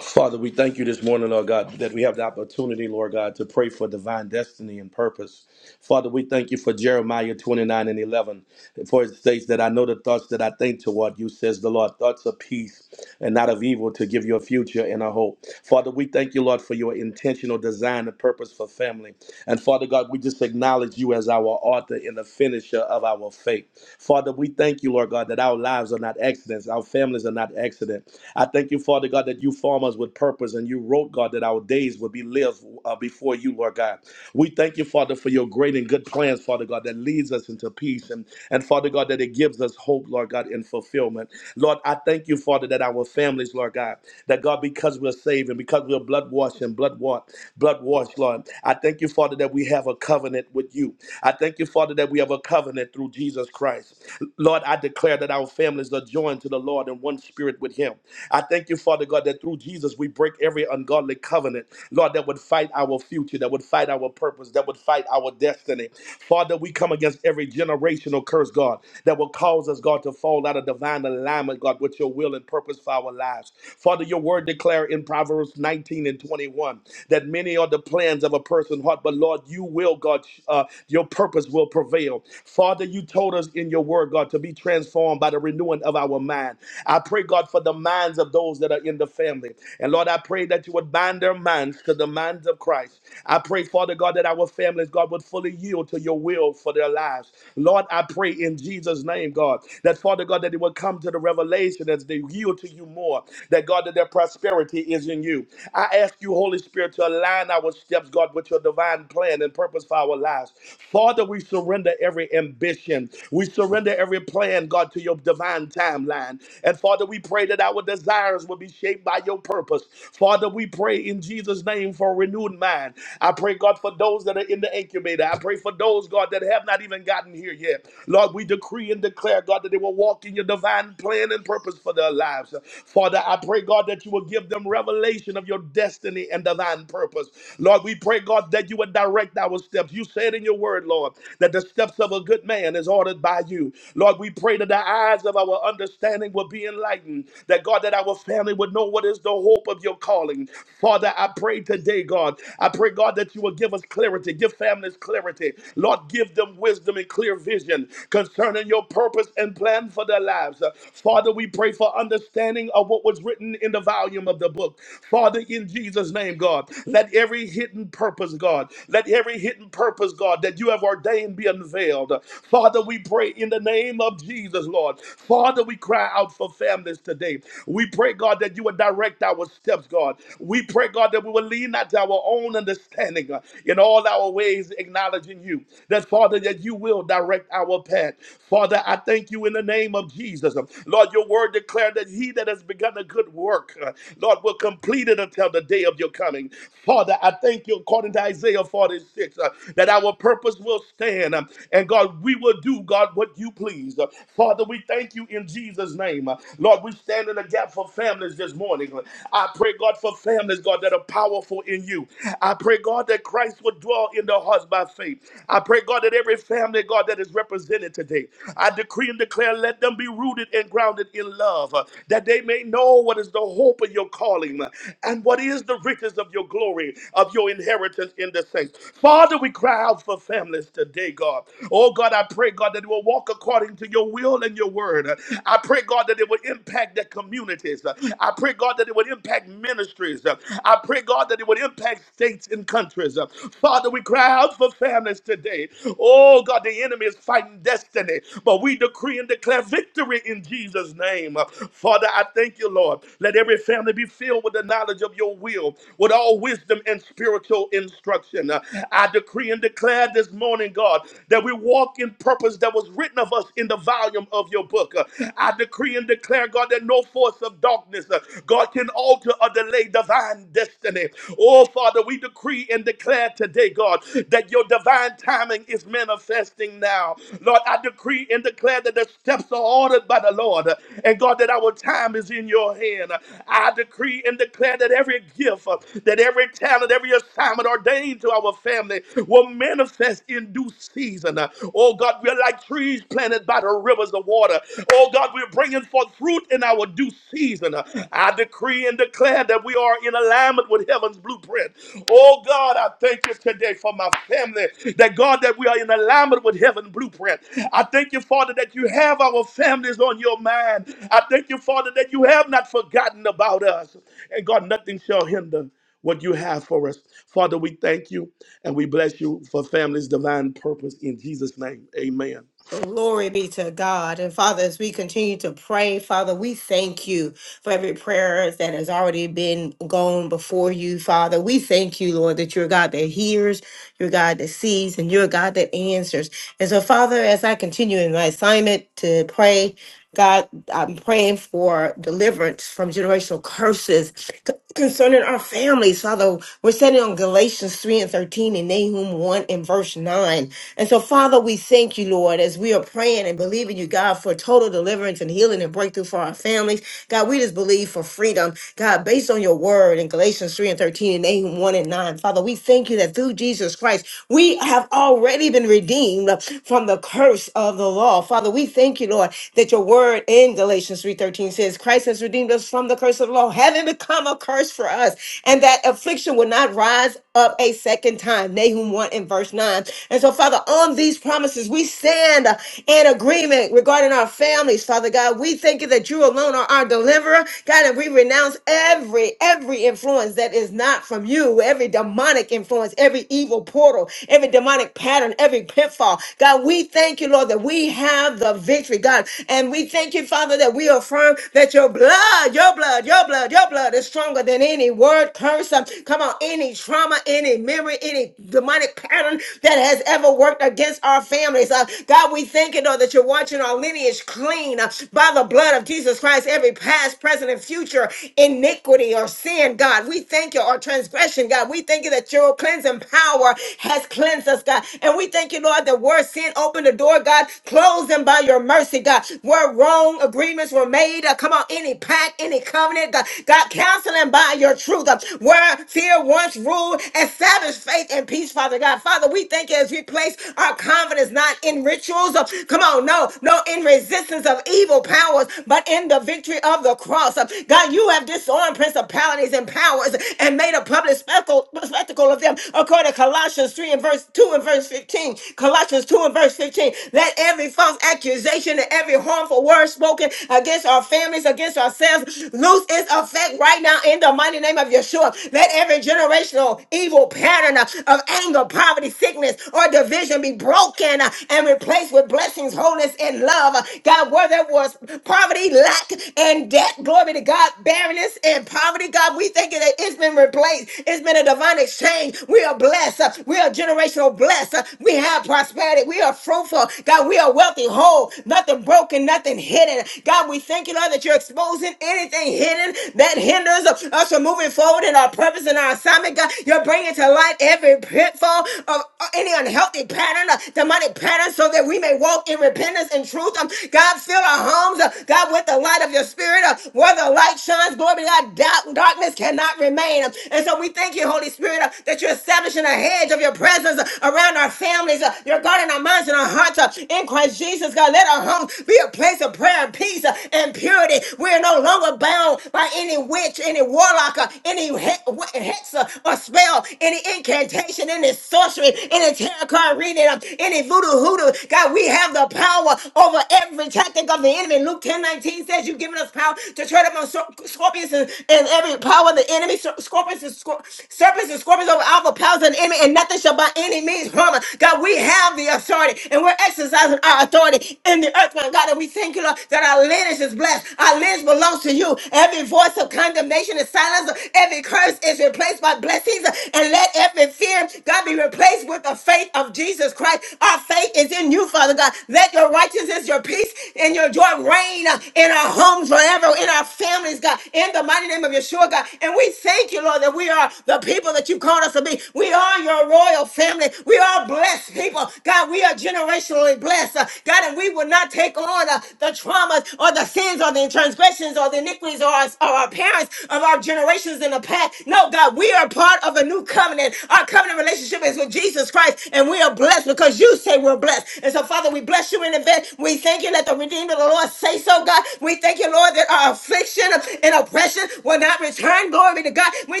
Father, we thank you this morning, Lord God, that we have the opportunity, Lord God, to pray for divine destiny and purpose. Father, we thank you for Jeremiah 29 and 11, for it states that I know the thoughts that I think toward you, says the Lord, thoughts of peace and not of evil to give you a future and a hope. Father, we thank you, Lord, for your intentional design and purpose for family. And Father God, we just acknowledge you as our author and the finisher of our faith. Father, we thank you, Lord God, that our lives are not accidents, our families are not accident. I thank you, Father God that you form us with purpose and you wrote, God, that our days would be lived uh, before you, Lord God. We thank you, Father, for your great and good plans, Father God, that leads us into peace and, and Father God, that it gives us hope, Lord God, in fulfillment. Lord, I thank you, Father, that our families, Lord God, that God, because we're saved and because we're blood washed and blood washed, blood washed, Lord, I thank you, Father, that we have a covenant with you. I thank you, Father, that we have a covenant through Jesus Christ. Lord, I declare that our families are joined to the Lord in one spirit with Him. I thank thank you, Father God, that through Jesus we break every ungodly covenant, Lord, that would fight our future, that would fight our purpose, that would fight our destiny. Father, we come against every generational curse, God, that will cause us, God, to fall out of divine alignment, God, with your will and purpose for our lives. Father, your word declare in Proverbs 19 and 21 that many are the plans of a person's heart, but Lord, you will, God, uh, your purpose will prevail. Father, you told us in your word, God, to be transformed by the renewing of our mind. I pray, God, for the mind minds of those that are in the family. And Lord, I pray that you would bind their minds to the minds of Christ. I pray, Father God, that our families, God, would fully yield to your will for their lives. Lord, I pray in Jesus' name, God, that Father God, that they would come to the revelation as they yield to you more, that God, that their prosperity is in you. I ask you, Holy Spirit, to align our steps, God, with your divine plan and purpose for our lives. Father, we surrender every ambition. We surrender every plan, God, to your divine timeline. And Father, we we pray that our desires will be shaped by your purpose. Father, we pray in Jesus' name for a renewed mind. I pray, God, for those that are in the incubator. I pray for those, God, that have not even gotten here yet. Lord, we decree and declare, God, that they will walk in your divine plan and purpose for their lives. Father, I pray, God, that you will give them revelation of your destiny and divine purpose. Lord, we pray, God, that you would direct our steps. You said in your word, Lord, that the steps of a good man is ordered by you. Lord, we pray that the eyes of our understanding will be would be enlightened. That God, that our family would know what is the hope of your calling. Father, I pray today, God. I pray, God, that you will give us clarity, give families clarity. Lord, give them wisdom and clear vision concerning your purpose and plan for their lives. Father, we pray for understanding of what was written in the volume of the book. Father, in Jesus' name, God, let every hidden purpose, God, let every hidden purpose, God, that you have ordained be unveiled. Father, we pray in the name of Jesus, Lord. Father, we cry out for families today. We pray, God, that you would direct our steps, God. We pray, God, that we will lean not to our own understanding uh, in all our ways, acknowledging you. That, Father, that you will direct our path. Father, I thank you in the name of Jesus. Lord, your word declared that he that has begun a good work, uh, Lord, will complete it until the day of your coming. Father, I thank you according to Isaiah 46 uh, that our purpose will stand. um, and God, we will do, God, what you please. Uh, Father, we thank you you in Jesus' name. Uh, Lord, we stand in the gap for families this morning. I pray, God, for families, God, that are powerful in you. I pray, God, that Christ would dwell in their hearts by faith. I pray, God, that every family, God, that is represented today, I decree and declare, let them be rooted and grounded in love, uh, that they may know what is the hope of your calling uh, and what is the riches of your glory, of your inheritance in the saints. Father, we cry out for families today, God. Oh, God, I pray, God, that we'll walk according to your will and your in your word. I pray, God, that it would impact their communities. I pray, God, that it would impact ministries. I pray, God, that it would impact states and countries. Father, we cry out for families today. Oh, God, the enemy is fighting destiny, but we decree and declare victory in Jesus' name. Father, I thank you, Lord. Let every family be filled with the knowledge of your will, with all wisdom and spiritual instruction. I decree and declare this morning, God, that we walk in purpose that was written of us in the volume of your book. Uh, I decree and declare, God, that no force of darkness, uh, God, can alter or delay divine destiny. Oh, Father, we decree and declare today, God, that your divine timing is manifesting now. Lord, I decree and declare that the steps are ordered by the Lord, uh, and God, that our time is in your hand. Uh, I decree and declare that every gift, uh, that every talent, every assignment ordained to our family will manifest in due season. Uh, Oh, God, we're like trees planted planted by the rivers of water. Oh God, we're bringing forth fruit in our due season. I decree and declare that we are in alignment with heaven's blueprint. Oh God, I thank you today for my family. That God, that we are in alignment with heaven's blueprint. I thank you, Father, that you have our families on your mind. I thank you, Father, that you have not forgotten about us. And God, nothing shall hinder what you have for us. Father, we thank you and we bless you for families' divine purpose in Jesus' name. Amen. Glory be to God. And Father, as we continue to pray, Father, we thank you for every prayer that has already been gone before you, Father. We thank you, Lord, that you're a God that hears, you're a God that sees, and you're a God that answers. And so, Father, as I continue in my assignment to pray, God, I'm praying for deliverance from generational curses c- concerning our families. Father, we're standing on Galatians 3 and 13 and Nahum 1 and verse 9. And so, Father, we thank you, Lord, as we are praying and believing you, God, for total deliverance and healing and breakthrough for our families. God, we just believe for freedom. God, based on your word in Galatians 3 and 13 and Nahum 1 and 9, Father, we thank you that through Jesus Christ, we have already been redeemed from the curse of the law. Father, we thank you, Lord, that your word in Galatians 3:13 says, Christ has redeemed us from the curse of the law, having become a curse for us, and that affliction will not rise up a second time. Nahum 1 and verse 9. And so, Father, on these promises, we stand in agreement regarding our families, Father God. We thank you that you alone are our deliverer, God, and we renounce every every influence that is not from you, every demonic influence, every evil portal, every demonic pattern, every pitfall. God, we thank you, Lord, that we have the victory victory, God. And we thank you, Father, that we affirm that your blood, your blood, your blood, your blood is stronger than any word curse. um, Come on, any trauma, any memory, any demonic pattern that has ever worked against our families. Uh, God, we thank you, Lord, that you're watching our lineage clean uh, by the blood of Jesus Christ, every past, present, and future iniquity or sin, God. We thank you, our transgression, God. We thank you that your cleansing power has cleansed us, God. And we thank you, Lord, that where sin opened the door, God, close them by your by your mercy, God, where wrong agreements were made. uh, Come on, any pact, any covenant, God, God counseling by your truth, uh, where fear once ruled, establish faith and peace, Father God. Father, we thank you as we place our confidence not in rituals. uh, Come on, no, no, in resistance of evil powers, but in the victory of the cross. Uh, God, you have disarmed principalities and powers and made a public spectacle, spectacle of them, according to Colossians 3 and verse 2 and verse 15. Colossians 2 and verse 15. Let every foe false accusation and every harmful word spoken against our families, against ourselves. lose its effect right now in the mighty name of Yeshua. Let every generational evil pattern uh, of anger, poverty, sickness, or division be broken uh, and replaced with blessings, wholeness, and love. Uh, God, where there was poverty, lack, and debt, glory to God, barrenness and poverty, God, we thank you that it's been replaced. It's been a divine exchange. We are blessed. Uh, We are generational blessed. Uh, We have prosperity. We are fruitful. God, we are wealthy, whole, nothing broken, nothing hidden. God, we thank you, Lord, that you're exposing anything hidden that hinders us from moving forward in our purpose and our assignment. God, you're bringing to light every pitfall of uh, any unhealthy pattern, uh, demonic pattern, so that we may walk in repentance and truth. Um, God, fill our homes, uh, God, with the light of your spirit. uh, Where the light shines, glory be to God, dark- darkness cannot remain. Um, And so we thank you, Holy Spirit, uh, that you're establishing a hedge of your presence uh, around our families. uh, You're guarding our minds and our hearts. uh, uh, in Christ Jesus, God. Let our home be a place of prayer and peace uh, and purity. We are no longer bound by any witch, any warlock, uh, any he- wh- hexer or spell, any incantation, any sorcery, any tarot card reading, uh, any voodoo hoodoo. God, we have the power over every tactic of the enemy. Luke ten nineteen says, You've given us power to tread upon sor- scorpions and, and every power of the enemy, sor- scorpions and scor- serpents and scorpions over all the powers of the enemy, and nothing shall by any means harm us. God, we have the authority and we're exercising our authority in the earth, my God. And we thank you, Lord, that our lineage is blessed. Our lineage belongs to you. Every voice of condemnation is silenced. Every curse is replaced by blessings. And let every fear, God, be replaced with the faith of Jesus Christ. Our faith is in you, Father God. Let your righteousness, your peace, and your joy reign uh, in our homes forever, in our families, God, in the mighty name of Yeshua, God. And we thank you, Lord, that we are the people that you called us to be. We are your royal family. We are blessed people. God, we are we are generationally blessed, uh, God, and we will not take on uh, the traumas or the sins or the transgressions or the iniquities or our, or our parents of our generations in the past. No, God, we are part of a new covenant. Our covenant relationship is with Jesus Christ, and we are blessed because you say we're blessed. And so, Father, we bless you in advance. We thank you. Let the redeemed of the Lord say so, God. We thank you, Lord, that our affliction and oppression will not return. Glory be to God. We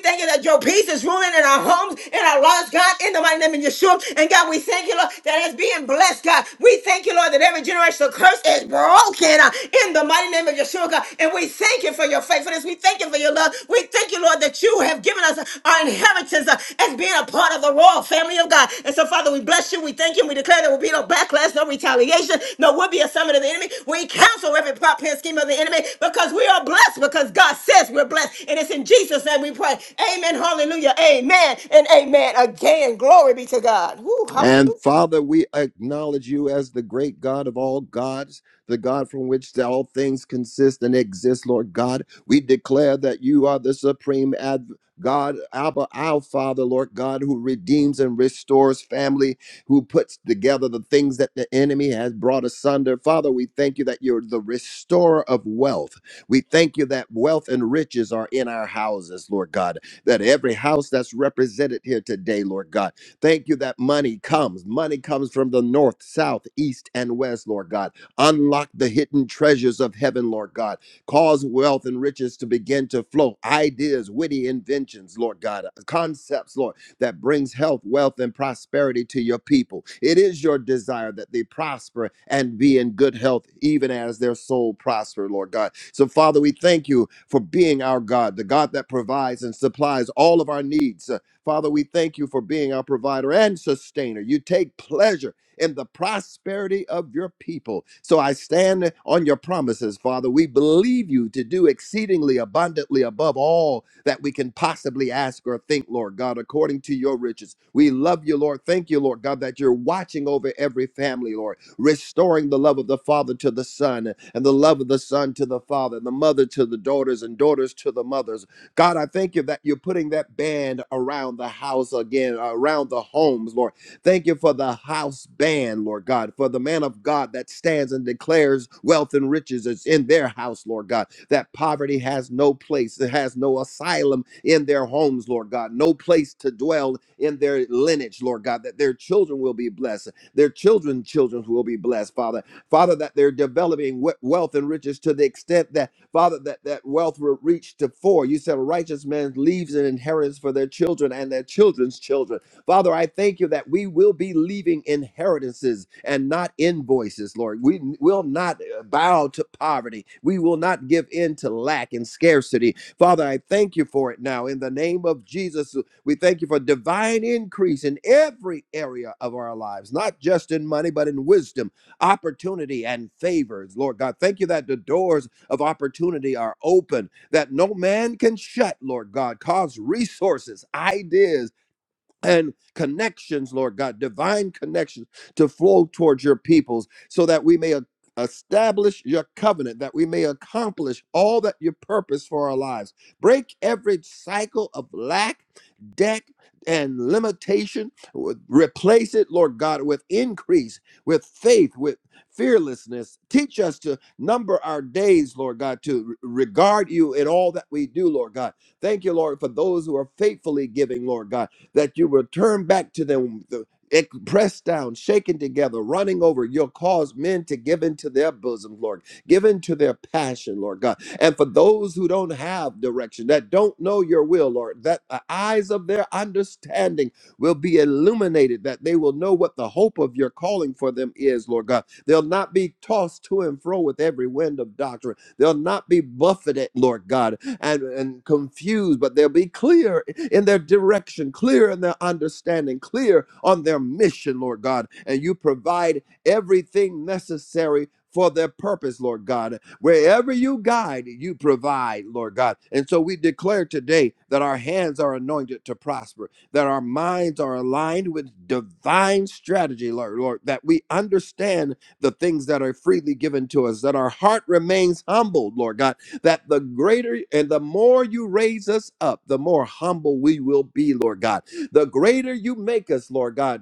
thank you that your peace is ruling in our homes, in our lives, God, in the mighty name of Yeshua. And God, we thank you, Lord, that is being blessed, God. We thank you, Lord, that every generational curse is broken uh, in the mighty name of Yeshua, God. And we thank you for your faithfulness. We thank you for your love. We thank you, Lord, that you have given us our inheritance uh, as being a part of the royal family of God. And so, Father, we bless you. We thank you. and We declare there will be no backlash, no retaliation, no will be a summit of the enemy. We counsel every plot, plan, scheme of the enemy because we are blessed, because God says we're blessed. And it's in Jesus' name we pray. Amen. Hallelujah. Amen. And amen. Again, glory be to God. Woo, hallelujah. And Father, we acknowledge you as the great God of all gods, the God from which all things consist and exist, Lord God. We declare that you are the supreme ad- God, Abba, our Father, Lord God, who redeems and restores family, who puts together the things that the enemy has brought asunder. Father, we thank you that you're the restorer of wealth. We thank you that wealth and riches are in our houses, Lord God, that every house that's represented here today, Lord God. Thank you that money comes. Money comes from the north, south, east, and west, Lord God. Unlock the hidden treasures of heaven, Lord God. Cause wealth and riches to begin to flow. Ideas, witty inventions, Lord God. Uh, Concepts, Lord, that brings health, wealth, and prosperity to your people. It is your desire that they prosper and be in good health, even as their soul prosper, Lord God. So, Father, we thank you for being our God, the God that provides and supplies all of our needs uh, Father, we thank you for being our provider and sustainer. You take pleasure in the prosperity of your people. So I stand on your promises, Father. We believe you to do exceedingly abundantly above all that we can possibly ask or think, Lord God, according to your riches. We love you, Lord. Thank you, Lord God, that you're watching over every family, Lord, restoring the love of the Father to the Son, and the love of the Son to the Father, and the mother to the daughters, and daughters to the mothers. God, I thank you that you're putting that band around the house again, around the homes, Lord. Thank you for the house band, Lord God, for the man of God that stands and declares wealth and riches is in their house, Lord God, that poverty has no place, it has no asylum in their homes, Lord God, no place to dwell in their lineage, Lord God, that their children will be blessed, their children's children will be blessed, Father. Father, that they're developing we- wealth and riches to the extent that Father, that, that wealth will reach to four. You said a righteous man leaves an inheritance for their children and their children's children. Father, I thank you that we will be leaving inheritances and not invoices, Lord. We n- will not uh, bow to poverty. We will not give in to lack and scarcity. Father, I thank you for it now. In the name of Jesus, we thank you for divine increase in every area of our lives, not just in money, but in wisdom, opportunity, and favors, Lord God. Thank you that the doors of opportunity are open that no man can shut, Lord God. Cause resources, ideas and connections, Lord God, divine connections to flow towards your peoples so that we may a- establish your covenant, that we may accomplish all that you purpose for our lives. Break every cycle of lack, debt, and limitation. W- Replace it, Lord God, with increase, with faith, with fearlessness. Teach us to number our days, Lord God, to re- regard you in all that we do, Lord God. Thank you, Lord, for those who are faithfully giving, Lord God that you return back to them, the, it pressed down, shaken together, running over. You'll cause men to give into their bosoms, Lord, give into their passion, Lord God. And for those who don't have direction, that don't know your will, Lord, that the eyes of their understanding will be illuminated, that they will know what the hope of your calling for them is, Lord God. They'll not be tossed to and fro with every wind of doctrine. They'll not be buffeted, Lord God, and, and confused, but they'll be clear in their direction, clear in their understanding, clear on their mission, Lord God. And you provide everything necessary for their purpose, Lord God. Wherever you guide, you provide, Lord God. And so we declare today that our hands are anointed to prosper, that our minds are aligned with divine strategy, Lord, Lord, that we understand the things that are freely given to us, that our heart remains humbled, Lord God that the greater and the more you raise us up, the more humble we will be, Lord God. The greater you make us, Lord God,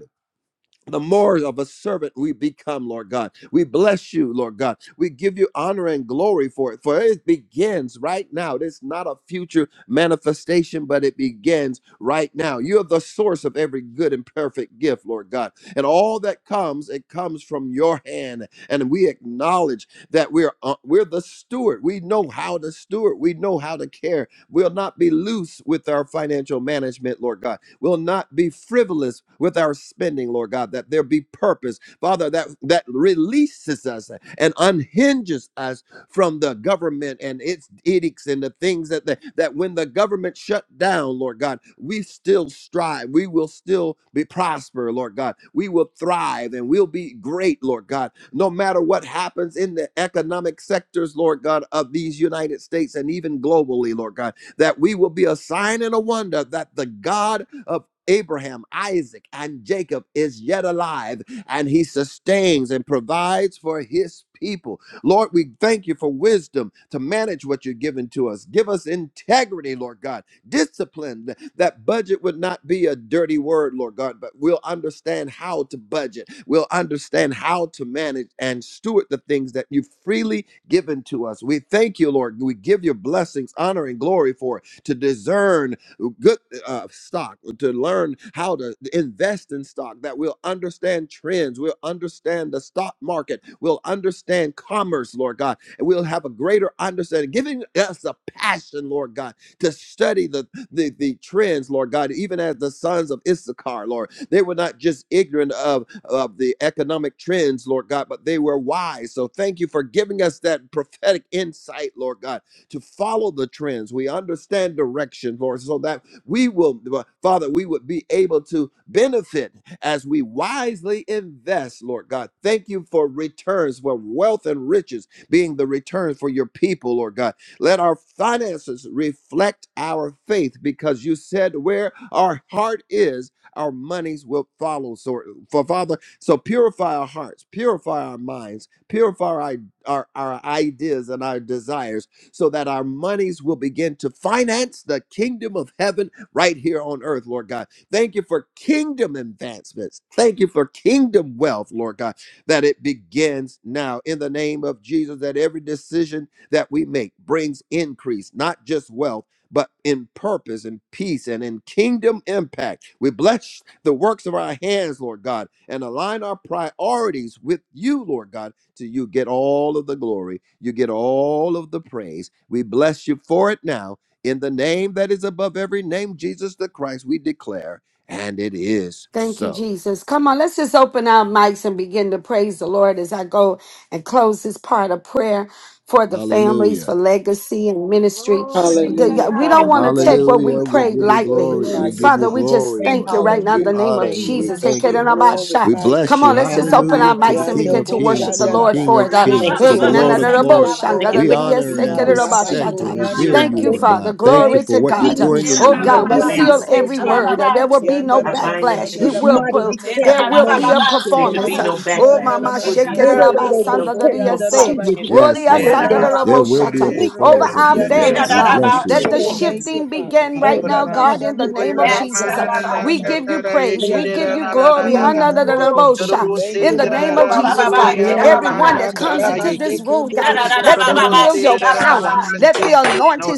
the more of a servant we become, Lord God. We bless you, Lord God. We give you honor and glory for it, for it begins right now. It's not a future manifestation, but it begins right now. You are the source of every good and perfect gift, Lord God. And all that comes, it comes from your hand. And we acknowledge that we're uh, we're the steward. We know how to steward. We know how to care. We'll not be loose with our financial management, Lord God will not be frivolous with our spending, Lord God, that there be purpose. Father, that, that releases us and unhinges us from the government and its edicts and the things that, that, that when the government shut down, Lord God, we still strive. We will still be prosper, Lord God. We will thrive and we'll be great, Lord God. No matter what happens in the economic sectors, Lord God, of these United States and even globally, Lord God, that we will be a sign and a wonder that the God of Abraham, Isaac, and Jacob is yet alive, and he sustains and provides for his people. Lord, we thank you for wisdom to manage what you're giving to us. Give us integrity, Lord God, discipline. Th- That budget would not be a dirty word, Lord God, but we'll understand how to budget. We'll understand how to manage and steward the things that you've freely given to us. We thank you, Lord. We give your blessings, honor, and glory for it to discern good uh, stock, to learn how to invest in stock, that we'll understand trends, we'll understand the stock market, we'll understand commerce, Lord God, and we'll have a greater understanding, giving us a passion, Lord God, to study the, the, the trends, Lord God, even as the sons of Issachar, Lord. They were not just ignorant of, of the economic trends, Lord God, but they were wise. So thank you for giving us that prophetic insight, Lord God, to follow the trends. We understand direction, Lord, so that we will, well, Father, we would be able to benefit as we wisely invest, Lord God. Thank you for returns, for wealth and riches being the return for your people, Lord God. Let our finances reflect our faith because you said where our heart is, our monies will follow. So, for Father, so purify our hearts, purify our minds, purify our, our, our ideas and our desires so that our monies will begin to finance the kingdom of heaven right here on earth, Lord God. Thank you for kingdom advancements. Thank you for kingdom wealth, Lord God, that it begins now in the name of Jesus, that every decision that we make brings increase, not just wealth. But in purpose and peace and in kingdom impact, we bless the works of our hands, Lord God, and align our priorities with you, Lord God, till you get all of the glory. You get all of the praise. We bless you for it now in the name that is above every name, Jesus the Christ, we declare, and it is Thank you, so. Jesus. Come on, let's just open our mics and begin to praise the Lord as I go and close this part of prayer for the families, Hallelujah. for legacy and ministry. Glory be The- to yeah, Hallelujah. God. We Father, don't want we to take thank you, what we Hallelujah. Lord We God. prayed give We you lightly. glory. glorify We your give you Father, name. we just glory, thank Lord you God. right now in We the Hallelujah. name honor of Thank you. you. We Jesus. Hey, thank We you, Lord. Kedanabasha. We glorify your bless Come you. on, let's name. just open Hallelujah our to the mics and Yando King begin of to bo Kings, worship the to shanda the Lord raba King for it. of Uh, seke Thank Kings, you to Hey, the so na much, na Lord romosa. na God. of na bo Lords. There's shanga Thank you da da nobody We da for like yes, you, honor hey, and Fa raba thank you respect for and Kedanabashata. you. soriande revere Thank you, you, Thank Lord rabasa. you for Father. God. wonderful. Thank you Glory Thank to for you, what you're Fa God. doing in robo the Oh Thank you lives for God, of my we your sianda family. seal people. every ramasete. word. There will be no Yanda I bind the backlash. hand ramasanda of It the will enemy. rabake there will be romosor. a There should performance. be no Oh Romosianda backlash, no mama would shake be ramasande de assignment, no no it robosorianda say. plot plan rabake. Yes, to the Lord. enemy. There will Ramaseke be a de Over performance of our your robosianda word. families, We I God. ramase. bless thank you you, Let Lord the that We God. everything thank that is you, shifting hid Father. is begin right already now, revealed. God, in the Ramasande de name of Yes, Jesus. oh, oh, robosorianda We rabash. give you praise. We give you glory. In Yanaramasandarabaseke. Thank you, the Lord name God. of We ba, ba, ba, ba, ba, ba, Jesus. God. glorify you ba, today. Everyone that comes into this room, God, Ramasekendererobos let ba, them yandara. feel your ba, ba, power. ba, Let the anointing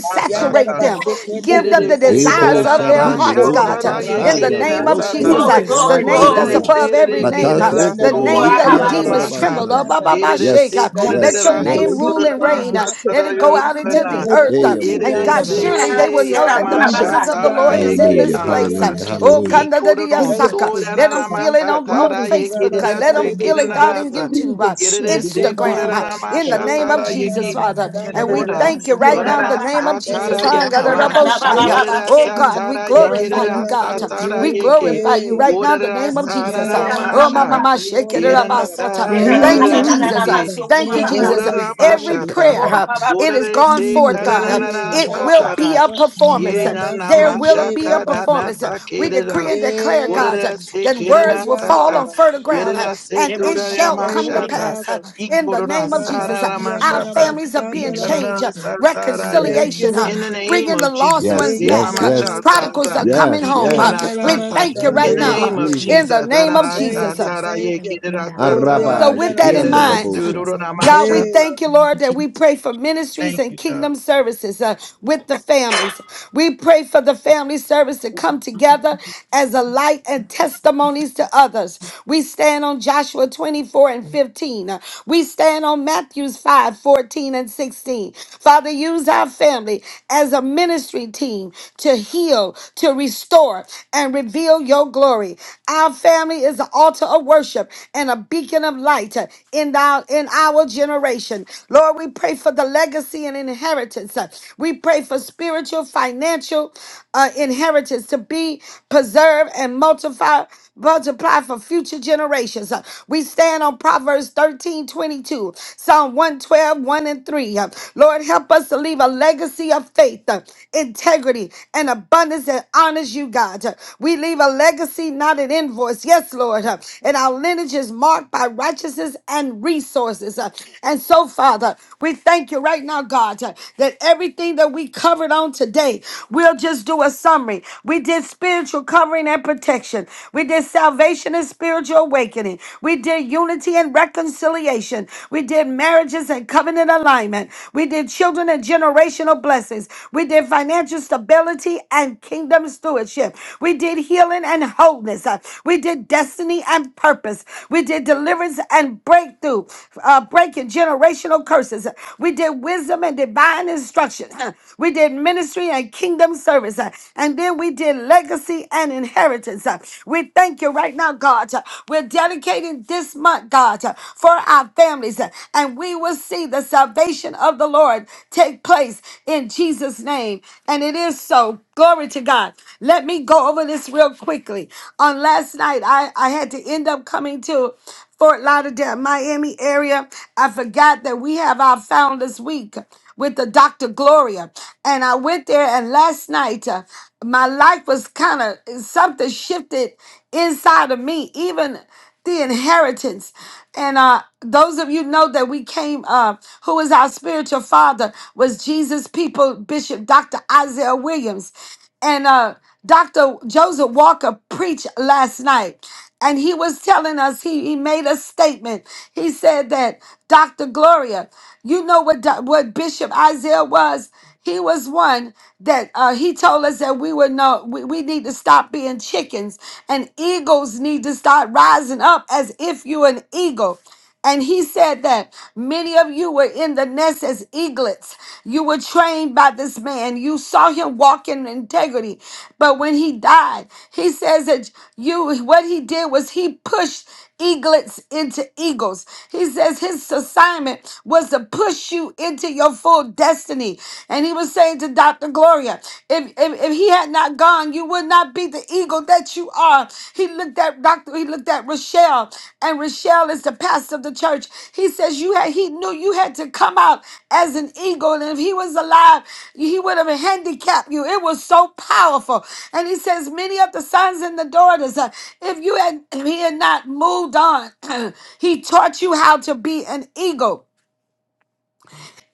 saturate them. ba, Give them Kerere the se Yandarabasekendererobos or desires Ebo korara of na their Sharan yandarabase. hearts, masha Glory, Ireopo God. tara glory, ye In the kere Katarian na name of Rosto sata. Jesus, uh, glory, the glory, Ramakuriandarabaseke name that's Korere glory. Malakisha above se yandaraboshe. every rere name, gede uh, Matapropo the raso name that yara the Bonikia na Wa-ba-ba-ba-ba-ba. demons Yandaramasandarabos masa. or tremble. Oh, Darabashaya. ba, ba, ba, yandarabase. Kerere shake. se uh, Yes, Thank korere you, Let yes, your thank rasu you, name rule yes. thank korere and you, na reign. uh, Father. Let satara it go yo out into the kana. earth. Ramasandarabos Hey uh, or Ebo And Kerere God, Koyanda. surely yandarabashe. they will se Yes, know that the yama presence eh-ra-ba-ba-ba-ba. of the shatara Lord ye is in kere this Hallelujah. na Ramasiandarabaseke place place. nasa. Hallelujah. uh, Oh, yandaraboshe. Hallelujah. I kanda da dia kororo Thank you, saka. so thank Let yara them you, na feel thank it you. masa on, on tara ye Facebook. kere uh, na Let them se Ramasande de feel kere it, na God, in nasa. Robosoria. YouTube, uh, Kerere Thank you, se Instagram, korere uh, Father. na in the masha name of tara ye Oriana Jesus, ki. Father. And Ramasande we Koda, thank you right Rabaseke. now, in the Odara name Wa-ra-ra-ba-ba. of Jesus. Satara Thank you, huh, God, da Yamama, thank bo you, sha, yeah. Father. Wa-ra-ra-ba-ba-ba-ba-ba. Yedada Oh, God, we Satara Sande glorify you, Yekedada God. uh, Ramase. Satara We Yeke, glorify you Hey, right now, in the Wodada name of Jesus. uh, Satara yes. Oh, my Masha, mama, Eh-ra-ba-ba-ba-ba. shake it. uh, Oriana ba, Yedana sa, ta. Sa Thank you, Ramasande. Yadada Ah. Jesus. uh, Seke, Thank you, Riana Me-ra-na-na-na-na-na-na-na-so-ko-ba-ba-ba. Jesus. uh, Ekodada Ramasa. Every Mashata, prayer, huh, it Ko-ba-ba-ba-ba. is Wodada gone Se forth, God. Hey, Kanana It thank you, will Wo-ra-ba-ba. be Satara, a Father. performance. Yenana There will Ramasande be a Mashata performance. Rabaseke. Nasa We Kedada decree and declare, what did God, Yes. I say? that words Kerana will Oriana fall tata. on fertile ground Yerena Rabashanda. se and it turaya shall Eh-ra-ba-ba-ba-ba. Thank come to you, mashata. pass. Father. In the Ikorona name of Jesus, sarara Ramasi and our mashata. families are being Ramasande changed. Ikarana sataraya. Thank you, Reconciliation, In Lord the Jesus. name bringing the of lost Jesus, ones Yes, Eh, eh, back. yes, mama yandara yes. cha ta Prodigals ta. are mausandara. coming Yes, home. Ikarana yes. Yandara sa We ta. thank you In the in right the name masandera of name now of bokoria. Jesus. in the Jesus, name of darara sa Thank Jesus. you, ta ra ye, thank you. kirara sa ta ra. Oria So, Araba with andara that in Shikian Yerena mashe. mind, Rabosha. surura God, we mashata. thank you, Lord, that we pray for ministries thank and you, God. kingdom services uh, with the families. We pray for the family service to come together as a light and testimonies to others. We stand on Joshua 24 and 15. Uh, We stand on Matthews 5 14 and 16. Father, use our family as a ministry team to heal, to restore, and reveal your glory family. Our family is an altar of worship and a beacon of light uh, in our in our generation. Lord, we pray for the legacy and inheritance. uh, We pray for spiritual, financial uh, inheritance to be preserved and multiplied multiply for future generations. Uh, We stand on Proverbs 13 22, Psalm one twelve one and 3. Uh, Lord, help us to leave a legacy of faith, uh, integrity, and abundance that honors you, God. Uh, We leave a legacy, not an invoice. Yes, Lord. Uh, And our lineage is marked by righteousness and resources. Uh, And so, Father, we thank you right now, God, uh, that everything that we covered on today, we'll just do a summary. We did spiritual cover covering and protection. We did salvation and spiritual awakening. We did unity and reconciliation. We did marriages and covenant alignment. We did children and generational blessings. We did financial stability and kingdom stewardship. We did healing and wholeness. Uh, We did destiny and purpose. We did deliverance and breakthrough, uh, breaking generational curses. Uh, We did wisdom and divine instruction. We did ministry and kingdom service. Uh, and. And then we did legacy and inheritance. Uh, We thank you right now, God. Uh, We're dedicating this month, God, uh, for our families. Uh, And we will see the salvation of the Lord take place in Jesus' name. And it is so. Glory to God. Let me go over this real quickly. On last night, I, I had to end up coming to Fort Lauderdale, Miami area. I forgot that we have our Founders Week with the Dr. Gloria. And I went there, and last night, uh, my life was kind of something shifted inside of me, even the inheritance. And uh, those of you know that we came, uh, who is our spiritual father, was Jesus' people, Bishop Dr. Isaiah Williams and uh, Dr. Joseph Walker preached last night. And he was telling us, he, he made a statement. He said that Dr. Gloria, you know what, Do- what Bishop Isaiah was? He was one that uh, he told us that we would know we, we need to stop being chickens and eagles need to start rising up as if you're an eagle. And he said that many of you were in the nest as eaglets. You were trained by this man. You saw him walk in integrity. But when he died, he says that you what he did was he pushed eaglets into eagles. He says his assignment was to push you into your full destiny. And he was saying to Dr. Gloria, if, if, if he had not long gone, you would not be the eagle that you are. He looked at Dr. He looked at Rochelle, and Rochelle is the pastor of the church. He says you had he knew you had to come out as an eagle, and if he was alive, he would have handicapped you. It was so powerful. And he says, Many of the sons and the daughters, uh, if you had if he had not moved on, he taught you how to be an eagle.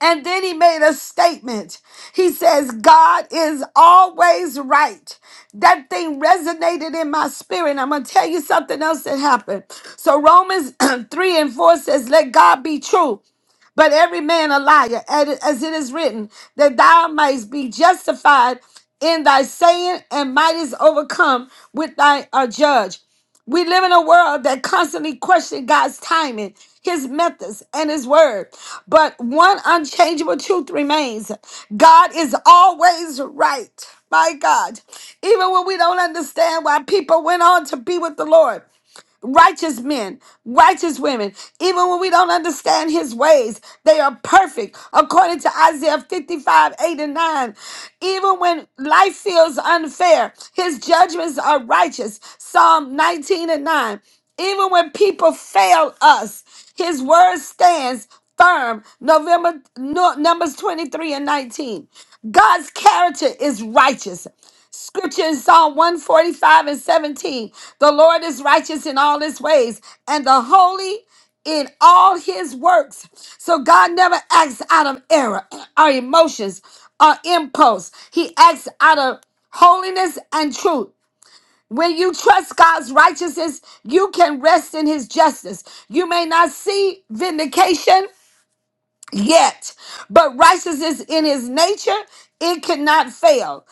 And then he made a statement. He says, God is always right. That thing resonated in my spirit. I'm going to tell you something else that happened. So, Romans 3 and 4 says, Let God be true but every man a liar, and as it is written, that thou mightest be justified in thy saying and mightest overcome with thy uh, judge. We live in a world that constantly questions God's timing, his methods, and his word. But one unchangeable truth remains God is always right. My God. Even when we don't understand why people went on to be with the Lord, righteous men, righteous women, even when we don't understand his ways, they are perfect. According to Isaiah 55 8 and 9, even when life feels unfair, his judgments are righteous. Psalm 19 and 9. Even when people fail us, his word stands firm. November no, Numbers 23 and 19. God's character is righteous. Scripture in Psalm 145 and 17. The Lord is righteous in all his ways, and the holy in all his works. So God never acts out of error or emotions or impulse. He acts out of holiness and truth. When you trust God's righteousness, you can rest in his justice. You may not see vindication yet, but righteousness in his nature, it cannot fail.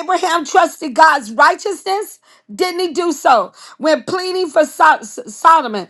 Abraham trusted God's righteousness. Didn't he do so when pleading for so- Sodom, and-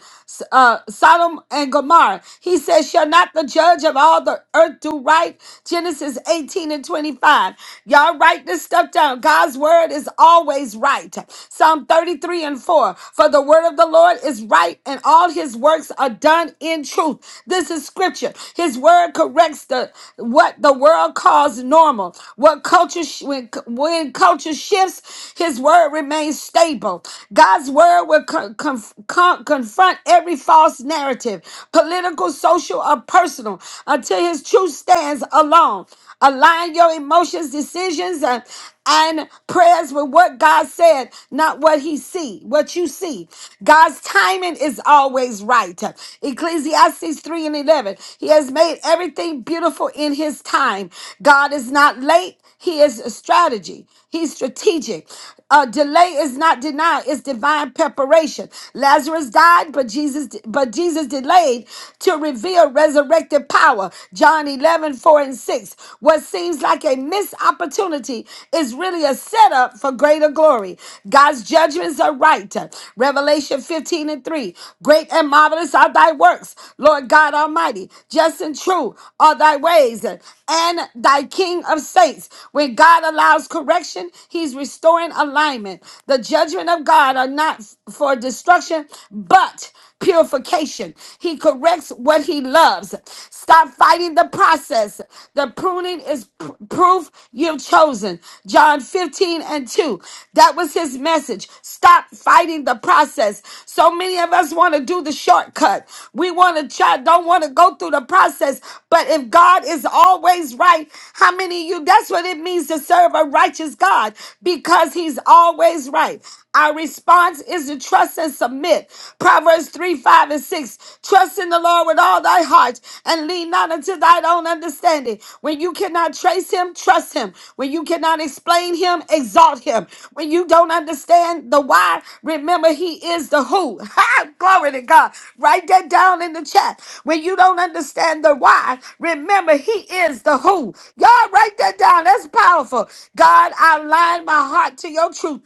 uh, Sodom and Gomorrah? He says, "Shall not the judge of all the earth do right?" Genesis eighteen and twenty-five. Y'all write this stuff down. God's word is always right. Psalm thirty-three and four. For the word of the Lord is right, and all His works are done in truth. This is scripture. His word corrects the what the world calls normal. What culture sh- when, when culture shifts, his word remains stable. God's word will con- conf- con- confront every false narrative, political, social, or personal, until his truth stands alone. Align your emotions, decisions, and, and prayers with what God said, not what he see, what you see. God's timing is always right. Ecclesiastes Ecclesiastes 3 and 11. He has made everything beautiful in his time. God is not late. He is a strategy. He's strategic. Uh, delay is not denial. It's divine preparation. Lazarus died, but Jesus, but Jesus delayed to reveal resurrected power. John 11 4 and 6. What seems like a missed opportunity is really a setup for greater glory. God's judgments are right. Revelation 15 and 3. Great and marvelous Marvelous are thy works, Lord God Almighty. Just and true are thy ways, and thy King of saints. When God allows correction, he's restoring alignment. The judgment of God are not for destruction, but purification. He corrects what he loves. Stop fighting the process. The pruning is pr- proof you've chosen. John 15 and 2. That was his message. Stop fighting the process. So many of us want just want to do the shortcut. We want to try, don't want to go through the process. But if God is always right, how many of you? That's what it means to serve a righteous God because He's always right. Our response is to trust and submit. Proverbs 3 5 and 6. Trust in the Lord with all thy heart and lean not unto thine own understanding. When you cannot trace Him, trust Him. When you cannot explain Him, exalt Him. When you don't understand the why, remember He is the who to who. Ha! Glory to God. Write that down in the chat. When you don't understand the why, remember He is the who. Y'all write that down. That's powerful. God, I align my heart to your truth.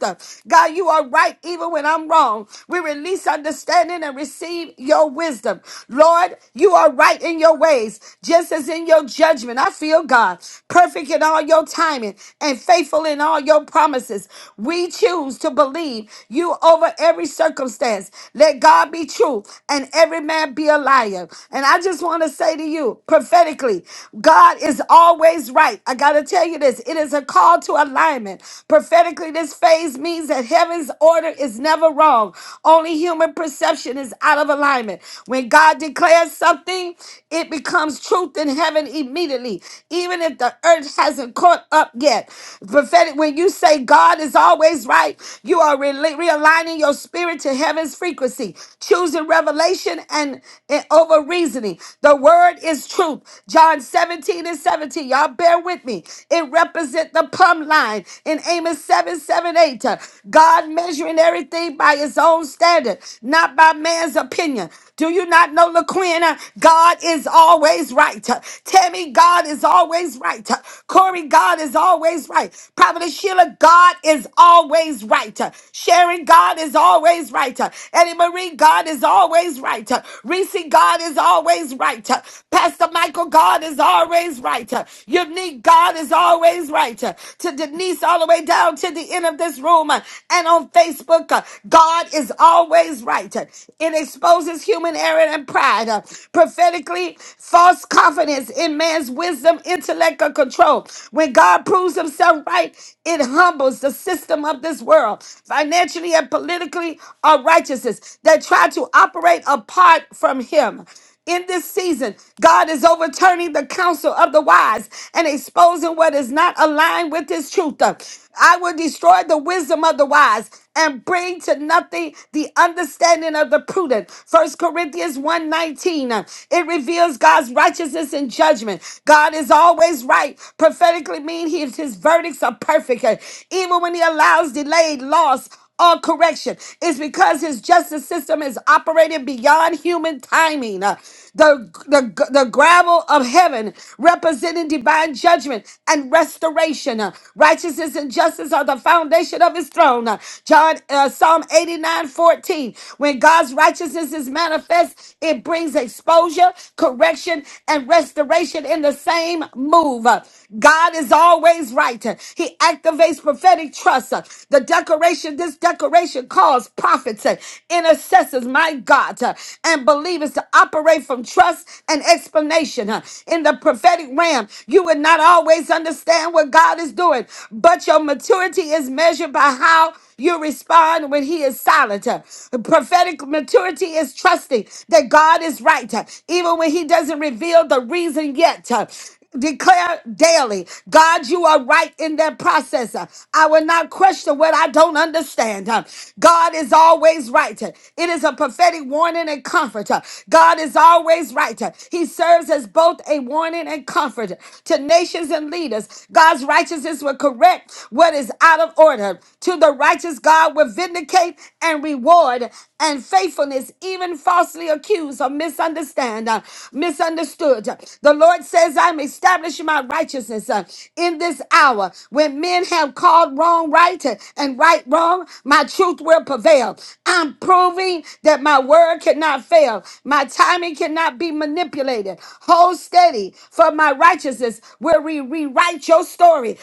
God, you are right even when I'm wrong. We release understanding and receive your wisdom. Lord, you are right in your ways, just as in your judgment. I feel God, perfect in all your timing and faithful in all your promises. We choose to believe you over over every circumstance. Let God be true and every man be a liar. And I just want to say to you prophetically, God is always right. I got to tell you this it is a call to alignment. Prophetically, this phase means that heaven's order is never wrong, only human perception is out of alignment. When God declares something, it becomes truth in heaven immediately, even if the earth hasn't caught up yet. Prophetic, when you say God is always right, you are rela- realigning your spirit to heaven's frequency, choosing revelation and, and over reasoning. The word is truth. John 17 and 17. Y'all bear with me. It represents the plumb line in Amos 7 7 8. God measuring everything by his own standard, not by man's opinion. Do you not know, LaQuinn? uh, God is always right. Uh, Tammy, God is always right. Uh, Corey, God is always right. Prophetess Sheila, God is always right. Uh, Sharon, God is always right. Uh, Eddie Marie, God is always right. Uh, Reese, God is always right. Uh, Pastor Michael, God is always right. Uh, Unique, God is always right. Uh, To Denise, all the way down to the end of this room uh, and on Facebook, uh, God. God is always right. It exposes human error and pride. uh, Prophetically, false confidence in man's wisdom, intellect, or control. When God proves himself right, it humbles the system of this world, financially and politically, or righteousness that try to operate apart from him. In this season, God is overturning the counsel of the wise and exposing what is not aligned with his truth. I will destroy the wisdom of the wise and bring to nothing the understanding of the prudent. First Corinthians one nineteen. It reveals God's righteousness and judgment. God is always right. Prophetically mean his, his verdicts are perfect. Even when he allows delayed loss or correction. It's because his justice system is operating beyond human timing. Uh, The, the, the gravel of heaven representing divine judgment and restoration. Uh, Righteousness and justice are the foundation of his throne. Uh, John uh, Psalm 89 14. When God's righteousness is manifest, it brings exposure, correction, and restoration in the same move. Uh, God is always right. He activates prophetic trust uh, The decoration, this decoration calls prophets and intercessors, my God, uh, and believers to operate from trust and explanation. uh, In the prophetic realm, you would not always understand what God is doing, but your maturity is measured by how you respond when he is silent. Uh, Prophetic maturity is trusting that God is right, uh, even when he doesn't reveal the reason yet. Uh, declare daily, God, you are right in that process. Uh, I will not question what I don't understand. Uh, God is always right. Uh, It is a prophetic warning and comfort. Uh, God is always right. Uh, He serves as both a warning and comfort to nations and leaders. God's righteousness will correct what is out of order. To the righteous, God will vindicate and reward and faithfulness, even falsely accused or misunderstand, uh, misunderstood. The Lord says, I'm establishing my righteousness uh, in this hour. When men have called wrong right uh, and right wrong, my truth will prevail. I'm proving that my word cannot fail. My timing cannot be manipulated. Hold steady for my righteousness will re- rewrite your story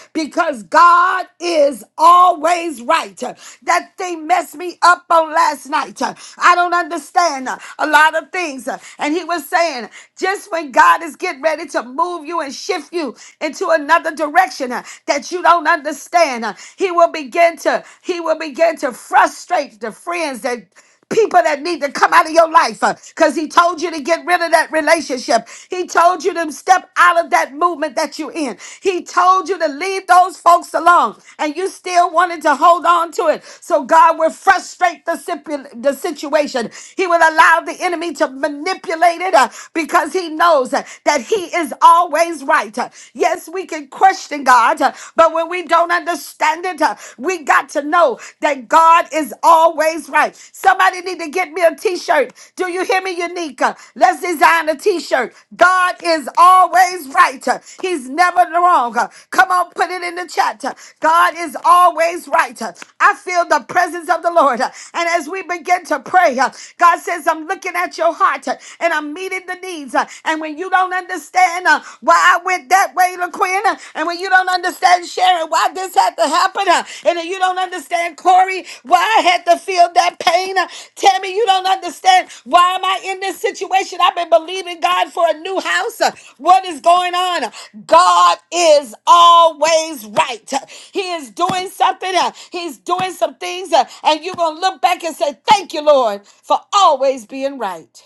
because God is always right. That thing messed me up on last night. I don't understand a lot of things. And he was saying, just when God is getting ready to move you and shift you into another direction uh, that you don't understand, uh, he will begin to he will begin to frustrate the friends that people that need to come out of your life because he told you to get rid of that relationship. He told you to step out of that movement that you're in. He told you to leave those folks alone and you still wanted to hold on to it. So God will frustrate the, sipu- the situation. He will allow the enemy to manipulate it uh, because he knows uh, that he is always right. Uh, Yes, we can question God, uh, but when we don't understand, abandoned. Uh, We got to know that God is always right. Somebody need to get me a t-shirt. Do you hear me, Unica? Let's design a t-shirt. God is always right. Uh, He's never wrong. Uh, Come on, put it in the chat. Uh, God is always right. Uh, I feel the presence of the Lord. Uh, And as we begin to pray, uh, God says, I'm looking at your heart uh, and I'm meeting the needs. Uh, And when you don't understand uh, why I went that way, LaQuinn. And when you don't understand Sharon, why this had to happen, uh, and then you don't understand Corey, why I had to feel that pain, uh, Tammy, you don't understand why am I in this situation? I've been believing God for a new house. Uh, What is going on? God is always right. Uh, He is doing something. uh, He's doing some things, uh, and you're gonna look back and say, "Thank you, Lord, for always being right."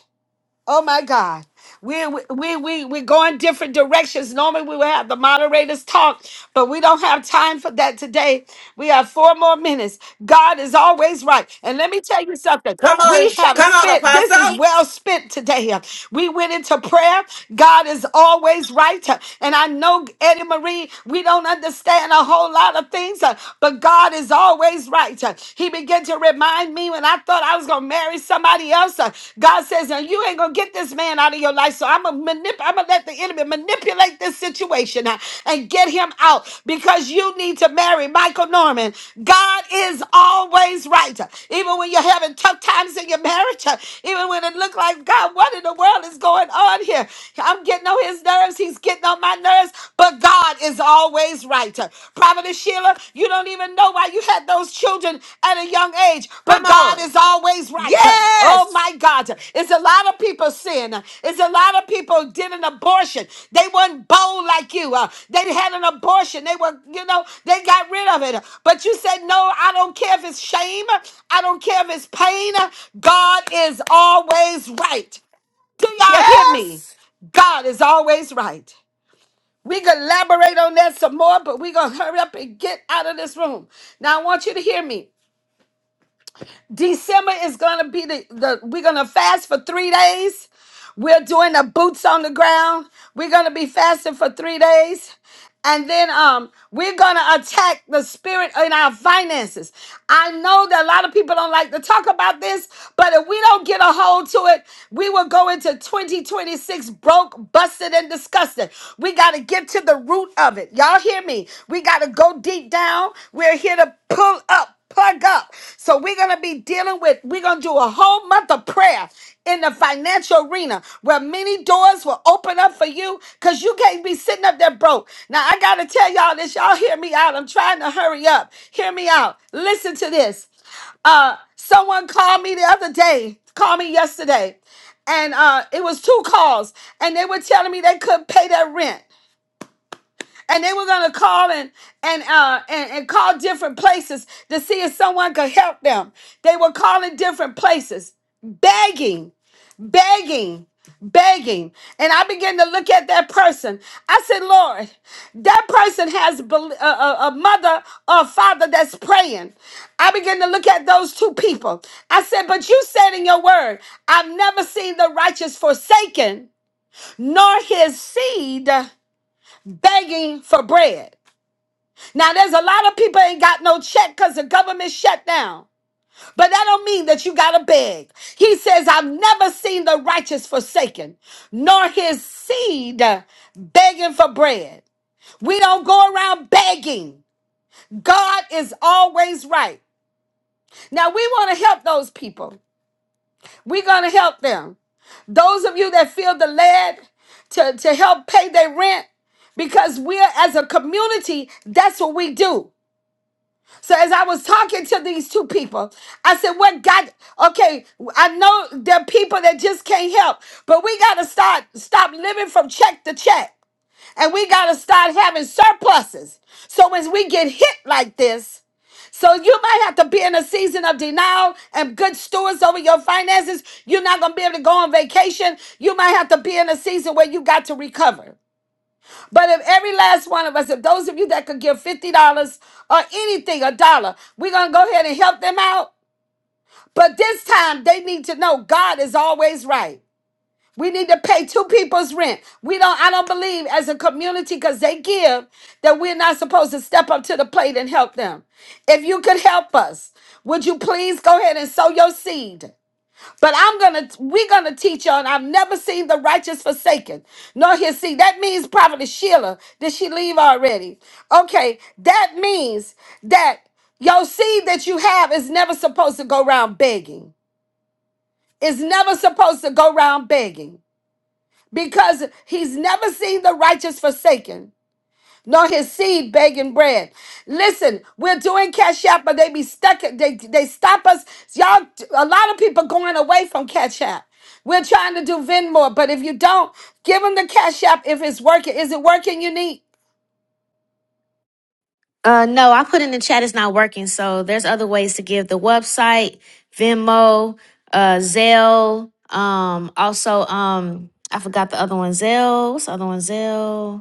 Oh my God. We we we we're going different directions. Normally we would have the moderators talk, but we don't have time for that today. We have four more minutes. God is always right. And let me tell you something. Come We on, have come on, spent, this is Apostle. well spent today. We went into prayer. God is always right. And I know, Eddie Marie, we don't understand a whole lot of things, uh, but God is always right. He began to remind me when I thought I was going to marry somebody else. uh, God says, "Now you ain't going to get this man out of your life. So I'm going to manip- I'm going to let the enemy manipulate this situation uh, and get him out because you need to marry Michael Norman. God is always right. uh, Even when you're having tough times in your marriage, uh, even when it looked like, God, what in the world is going on here? I'm getting on his nerves. He's getting on my nerves. But God God is always right. Prophetess Sheila, you don't even know why you had those children at a young age, but Come on. God is always right. Oh Yes, my God. It's a lot of people sin. It's a lot of people did an abortion. They weren't bold like you. Uh, They had an abortion. They were, you know, they got rid of it. But you said, no, I don't care if it's shame. I don't care if it's pain. God is always right. Do y'all hear me? yes. God is always right. We can elaborate on that some more, but we're going to hurry up and get out of this room. Now, I want you to hear me. December is gonna be the, the we're gonna fast for three days. We're doing the boots on the ground. We're gonna be fasting for three days. And then um we're gonna attack the spirit in our finances. I know that a lot of people don't like to talk about this, but if we don't get a hold to it, we will go into 2026 broke, busted, and disgusted. We gotta get to the root of it. Y'all hear me? We gotta go deep down. We're here to pull up plug up. So we're going to be dealing with, we're going to do a whole month of prayer in the financial arena where many doors will open up for you because you can't be sitting up there broke. Now, I got to tell y'all this. Y'all hear me out. I'm trying to hurry up. Hear me out. Listen to this. Uh, someone called me the other day, called me yesterday, and uh, it was two calls, and they were telling me they couldn't pay their rent and they were gonna call and and uh and, and call different places to see if someone could help them. They were calling different places, begging, begging, begging. And I began to look at that person. I said, Lord, that person has bel- a, a a mother or a father that's praying. I began to look at those two people. I said, but you said in your word, I've never seen the righteous forsaken, nor his seed begging for bread. Now there's a lot of people ain't got no check because the government shut down. But that don't mean that you gotta beg. He says, I've never seen the righteous forsaken, nor his seed begging for bread. We don't go around begging. God is always right. Now we want to help those people. We're gonna help them. Those of you that feel the lead to, to help pay their rent, because we're as a community, that's what we do. So as I was talking to these two people, I said, "What God? Okay, I know there are people that just can't help, but we got to start stop living from check to check, and we got to start having surpluses. So as we get hit like this." So you might have to be in a season of denial and good stewards over your finances. You're not going to be able to go on vacation. You might have to be in a season where you got to recover. But if every last one of us, if those of you that could give $50 or anything, a dollar, we're going to go ahead and help them out. But this time they need to know God is always right. We need to pay two people's rent. We don't, I don't believe as a community, because they give, that we're not supposed to step up to the plate and help them. If you could help us, would you please go ahead and sow your seed? But I'm gonna, we're gonna teach on. I've never seen the righteous forsaken. No, here, see, that means probably Sheila. Did she leave already? Okay, that means that your seed that you have is never supposed to go around begging. It's never supposed to go around begging because he's never seen the righteous forsaken nor his seed begging bread. Listen, we're doing Cash App, but they be stuck. They they stop us. Y'all, a lot of people going away from Cash App. We're trying to do Venmo, but if you don't, give them the Cash App if it's working. Is it working, unique? Uh no, I put in the chat it's not working. So there's other ways to give the website, Venmo, uh Zelle, um, also um I forgot the other one, Zelle. What's the other one? Zelle.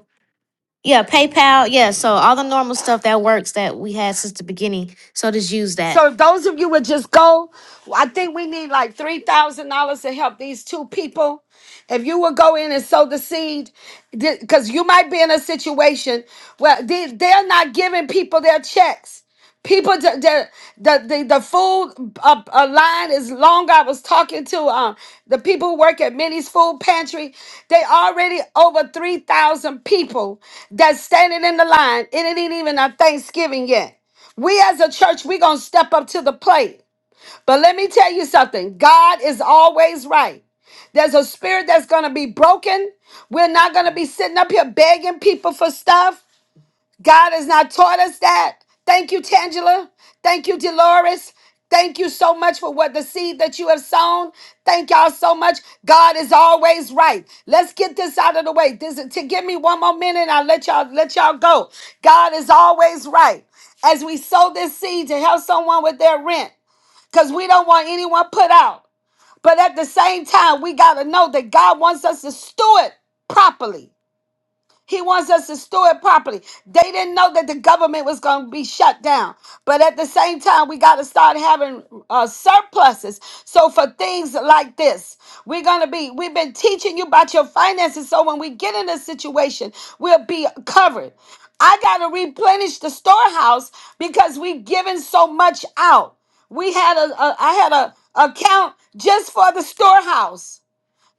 Yeah, PayPal. Yeah, so all the normal stuff that works that we had since the beginning. So just use that. So those of you would just go. I think we need like three thousand dollars to help these two people. If you would go in and sow the seed, because you might be in a situation where they, they're not giving people their checks. People, d- d- the the the food uh, uh, line is long. I was talking to um the people who work at Minnie's Food Pantry. They already over three thousand people that's standing in the line. It ain't even a Thanksgiving yet. We as a church, we're going to step up to the plate. But let me tell you something God is always right. There's a spirit that's going to be broken. We're not going to be sitting up here begging people for stuff. God has not taught us that. Thank you, Tangela. Thank you, Dolores. Thank you so much for what the seed that you have sown. Thank y'all so much. God is always right. Let's get this out of the way. This is, to give me one more minute, and I'll let y'all let y'all go. God is always right. As we sow this seed to help someone with their rent, because we don't want anyone put out. But at the same time, we gotta know that God wants us to steward properly. He wants us to store it properly. They didn't know that the government was going to be shut down. But at the same time, we got to start having uh, surpluses. So for things like this, we're going to be, we've been teaching you about your finances. So when we get in a situation, we'll be covered. I got to replenish the storehouse because we've given so much out. We had a, a I had a account just for the storehouse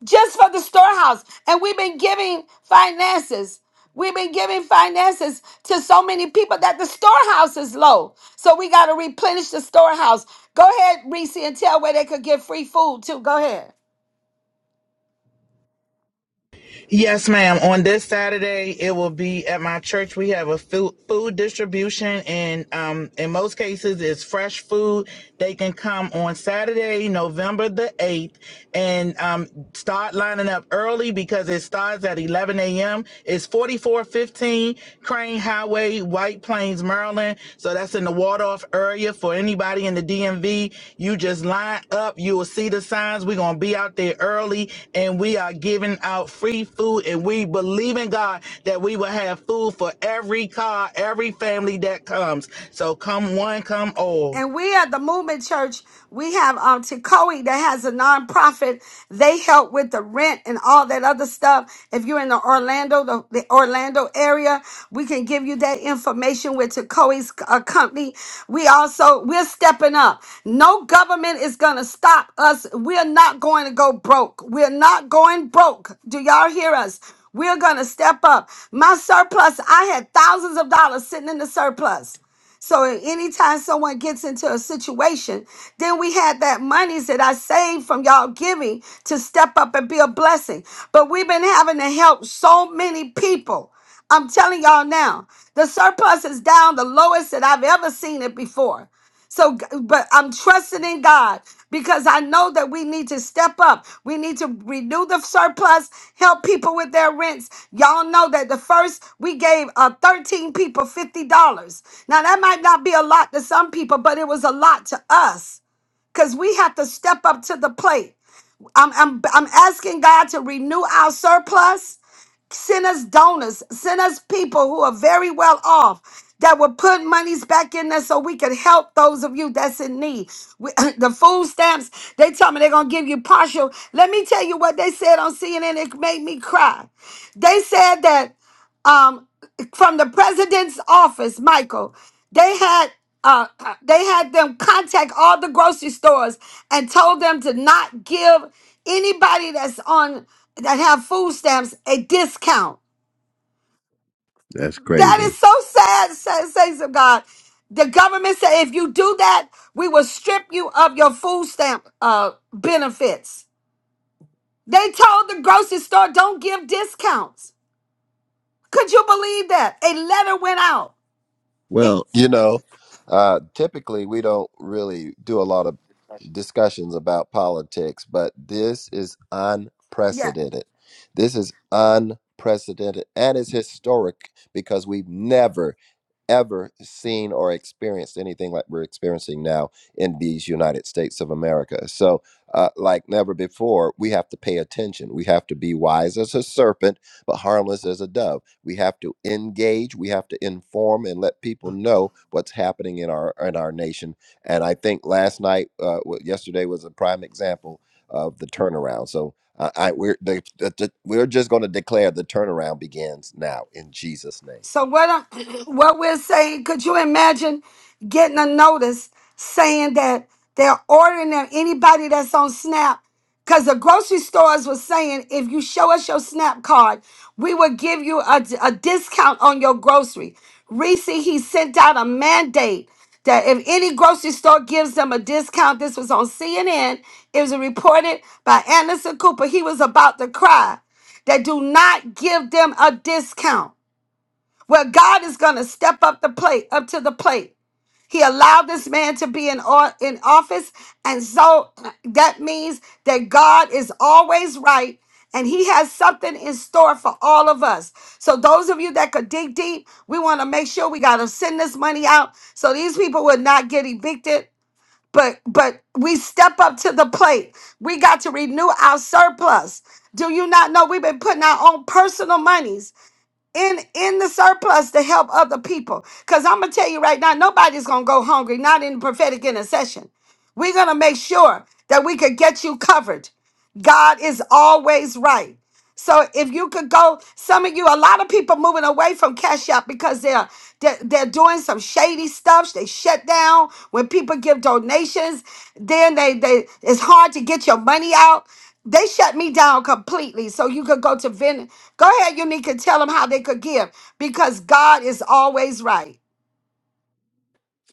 just for the storehouse. And we've been giving finances. We've been giving finances to so many people that the storehouse is low. So we got to replenish the storehouse. Go ahead, Reese, and tell where they could get free food too. Go ahead. Yes, ma'am. On this Saturday, it will be at my church. We have a food food distribution, and um, in most cases, it's fresh food. They can come on Saturday, November the eighth, and um, start lining up early because it starts at eleven a.m. It's forty four fifteen Crane Highway. Highway, White Plains, Maryland. So that's in the Waldorf area. For anybody in the DMV, you just line up. You will see the signs. We're going to be out there early and we are giving out free food. And we believe in God that we will have food for every car, every family that comes. So come one, come all. And we at the Movement Church, we have um Tikoi that has a nonprofit. They help with the rent and all that other stuff. If you're in the Orlando, the, the Orlando area, we can give you that information with Tikoi's uh, company. We also we're stepping up. No government is gonna stop us. We're not going to go broke. We're not going broke. Do y'all hear us? We're gonna step up. My surplus, I had thousands of dollars sitting in the surplus. So anytime someone gets into a situation, then we had that monies that I saved from y'all giving to step up and be a blessing. But we've been having to help so many people. I'm telling y'all now, the surplus is down the lowest that I've ever seen it before. So, but I'm trusting in God because I know that we need to step up. We need to renew the surplus, help people with their rents. Y'all know that the first we gave uh, 13 people $50. Now, that might not be a lot to some people, but it was a lot to us because we have to step up to the plate. I'm, I'm, I'm asking God to renew our surplus Send us donors, send us people who are very well off that will put monies back in there so we can help those of you that's in need. We- the food stamps, they tell me they're going to give you partial. Let me tell you what they said on CNN. It made me cry. They said that. Um, from the president's office, Michael. They had uh, they had them contact all the grocery stores and told them to not give anybody that's on that have food stamps a discount. That's That crazy. is so sad, says, says of God. The government said if you do that, we will strip you of your food stamp uh, benefits. They told the grocery store don't give discounts. Could you believe that? A letter went out. It, Well, you know, uh, typically we don't really do a lot of discussions about politics, but this is yeah. unprecedented. This is unprecedented and it's historic because we've never ever seen or experienced anything like we're experiencing now in these United States of America. So, uh, like never before, we have to pay attention. We have to be wise as a serpent, but harmless as a dove. We have to engage. We have to inform and let people know what's happening in our in our nation. And I think last night, uh, wa- yesterday was a prime example of the turnaround. So. Uh, I, we're, the, the, the- we're just going to declare the turnaround begins now in Jesus' name. So what I'm, what we're saying, could you imagine getting a notice saying that they're ordering them anybody that's on SNAP? Because the grocery stores were saying, if you show us your SNAP card, we will give you a, a discount on your grocery. Reese, he sent out a mandate that if any grocery store gives them a discount, this was on CNN. It was reported by Anderson Cooper. He was about to cry. That do not give them a discount where God is going to step up the plate, up to the plate. He allowed this man to be in o- in office, and so that means that God is always right, and He has something in store for all of us. So those of you that could dig deep, we want to make sure we got to send this money out so these people would not get evicted. But but we step up to the plate. We got to renew our surplus. Do you not know we've been putting our own personal monies? in in the surplus to help other people because i'm gonna tell you right now nobody's gonna go hungry not in prophetic intercession we're gonna make sure that we could get you covered god is always right so if you could go, some of you, a lot of people moving away from Cash App because they're they're, they're doing some shady stuff. They shut down when people give donations. Then they they it's hard to get your money out. They shut me down completely. So you could go to Vin. Go ahead, Unika, tell them how they could give because God is always right.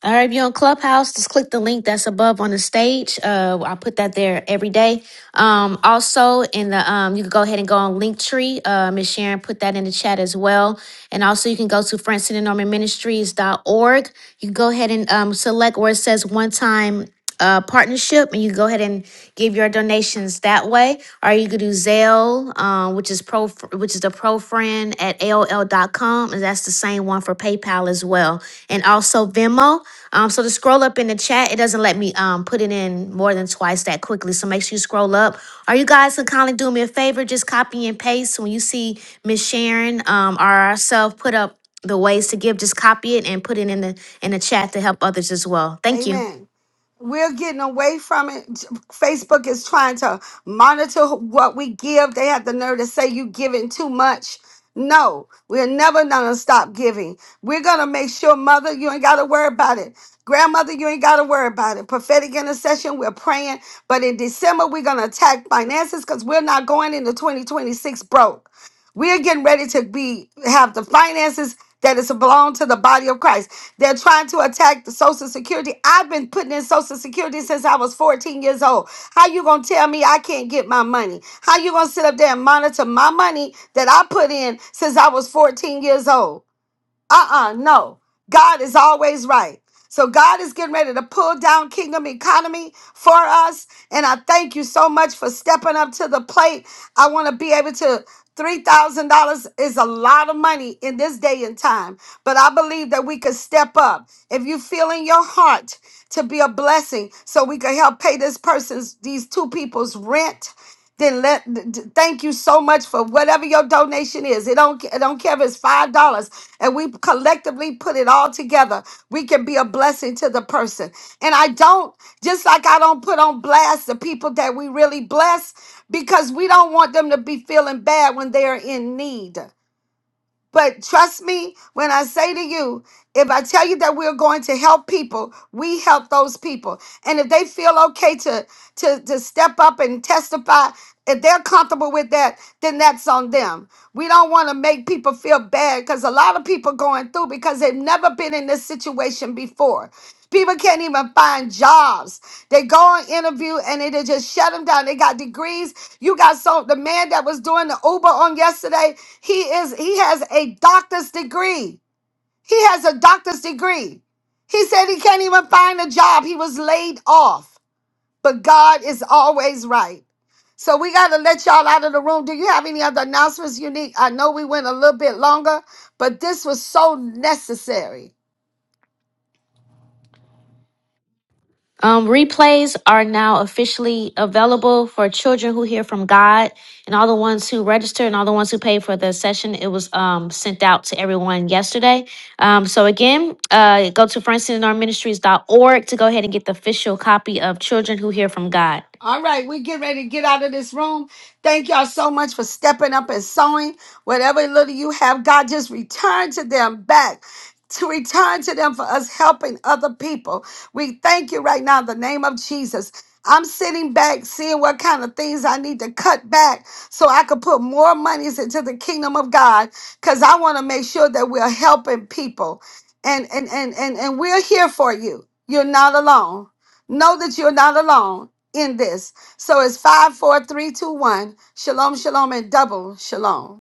All right, if you're on Clubhouse, just click the link that's above on the stage. Uh, I put that there every day. Um, also, in the um, you can go ahead and go on Linktree. Uh, Miss Sharon put that in the chat as well. And also, you can go to Francine and Norman Ministries.org. You can go ahead and um, select where it says one time uh, partnership, and you go ahead and give your donations that way. Or you could do Zelle L, um, which is pro, which is the pro friend at A O L dot com, and that's the same one for PayPal as well, and also Venmo. Um, so to scroll up in the chat, it doesn't let me um put it in more than twice that quickly. So make sure you scroll up. Or you guys can kindly do me a favor, just copy and paste when you see Miss Sharon um or ourselves put up the ways to give. Just copy it and put it in the in the chat to help others as well. Thank you. Amen. We're getting away from it. Facebook is trying to monitor what we give. They have the nerve to say you giving too much. No, we're never gonna stop giving. We're gonna make sure, mother, you ain't gotta worry about it. Grandmother, you ain't gotta worry about it. Prophetic intercession, we're praying. But in December, we're gonna attack finances because we're not going into 2026 broke. We're getting ready to be have the finances that is belong to the body of Christ. They're trying to attack the Social Security. I've been putting in Social Security since I was 14 years old. How you gonna tell me I can't get my money? How you gonna sit up there and monitor my money that I put in since I was 14 years old? Uh-uh, no. God is always right. So God is getting ready to pull down kingdom economy for us. And I thank you so much for stepping up to the plate. I want to be able to $3,000 is a lot of money in this day and time, but I believe that we could step up. If you feel in your heart to be a blessing so we could help pay this person's these two people's rent, then let th- thank you so much for whatever your donation is. It don't it don't care if it's five dollars, and we collectively put it all together. We can be a blessing to the person. And I don't just like I don't put on blast the people that we really bless because we don't want them to be feeling bad when they are in need. But trust me when I say to you, if I tell you that we're going to help people, we help those people. And if they feel okay to to to step up and testify, if they're comfortable with that, then that's on them. We don't want to make people feel bad because a lot of people going through because they've never been in this situation before. People can't even find jobs. They go on interview and they, they just shut them down. They got degrees. You got so the man that was doing the Uber on yesterday, he is he has a doctor's degree. He has a doctor's degree. He said he can't even find a job. He was laid off. But God is always right. So we got to let y'all out of the room. Do you have any other announcements you need? I know we went a little bit longer, but this was so necessary. Um, replays are now officially available for children who hear from God and all the ones who register and all the ones who paid for the session. It was um, sent out to everyone yesterday. Um, so again, uh, go to francisnorministries.org to go ahead and get the official copy of Children Who Hear from God. All right, we get ready to get out of this room. Thank y'all so much for stepping up and sowing. Whatever little you have, God, just return to them back. To return to them for us helping other people. We thank you right now in the name of Jesus. I'm sitting back seeing what kind of things I need to cut back so I could put more monies into the kingdom of God because I want to make sure that we're helping people. And and and and and we're here for you. You're not alone. Know that you're not alone in this. So it's five, four, three, two, one. Shalom, shalom, and double shalom.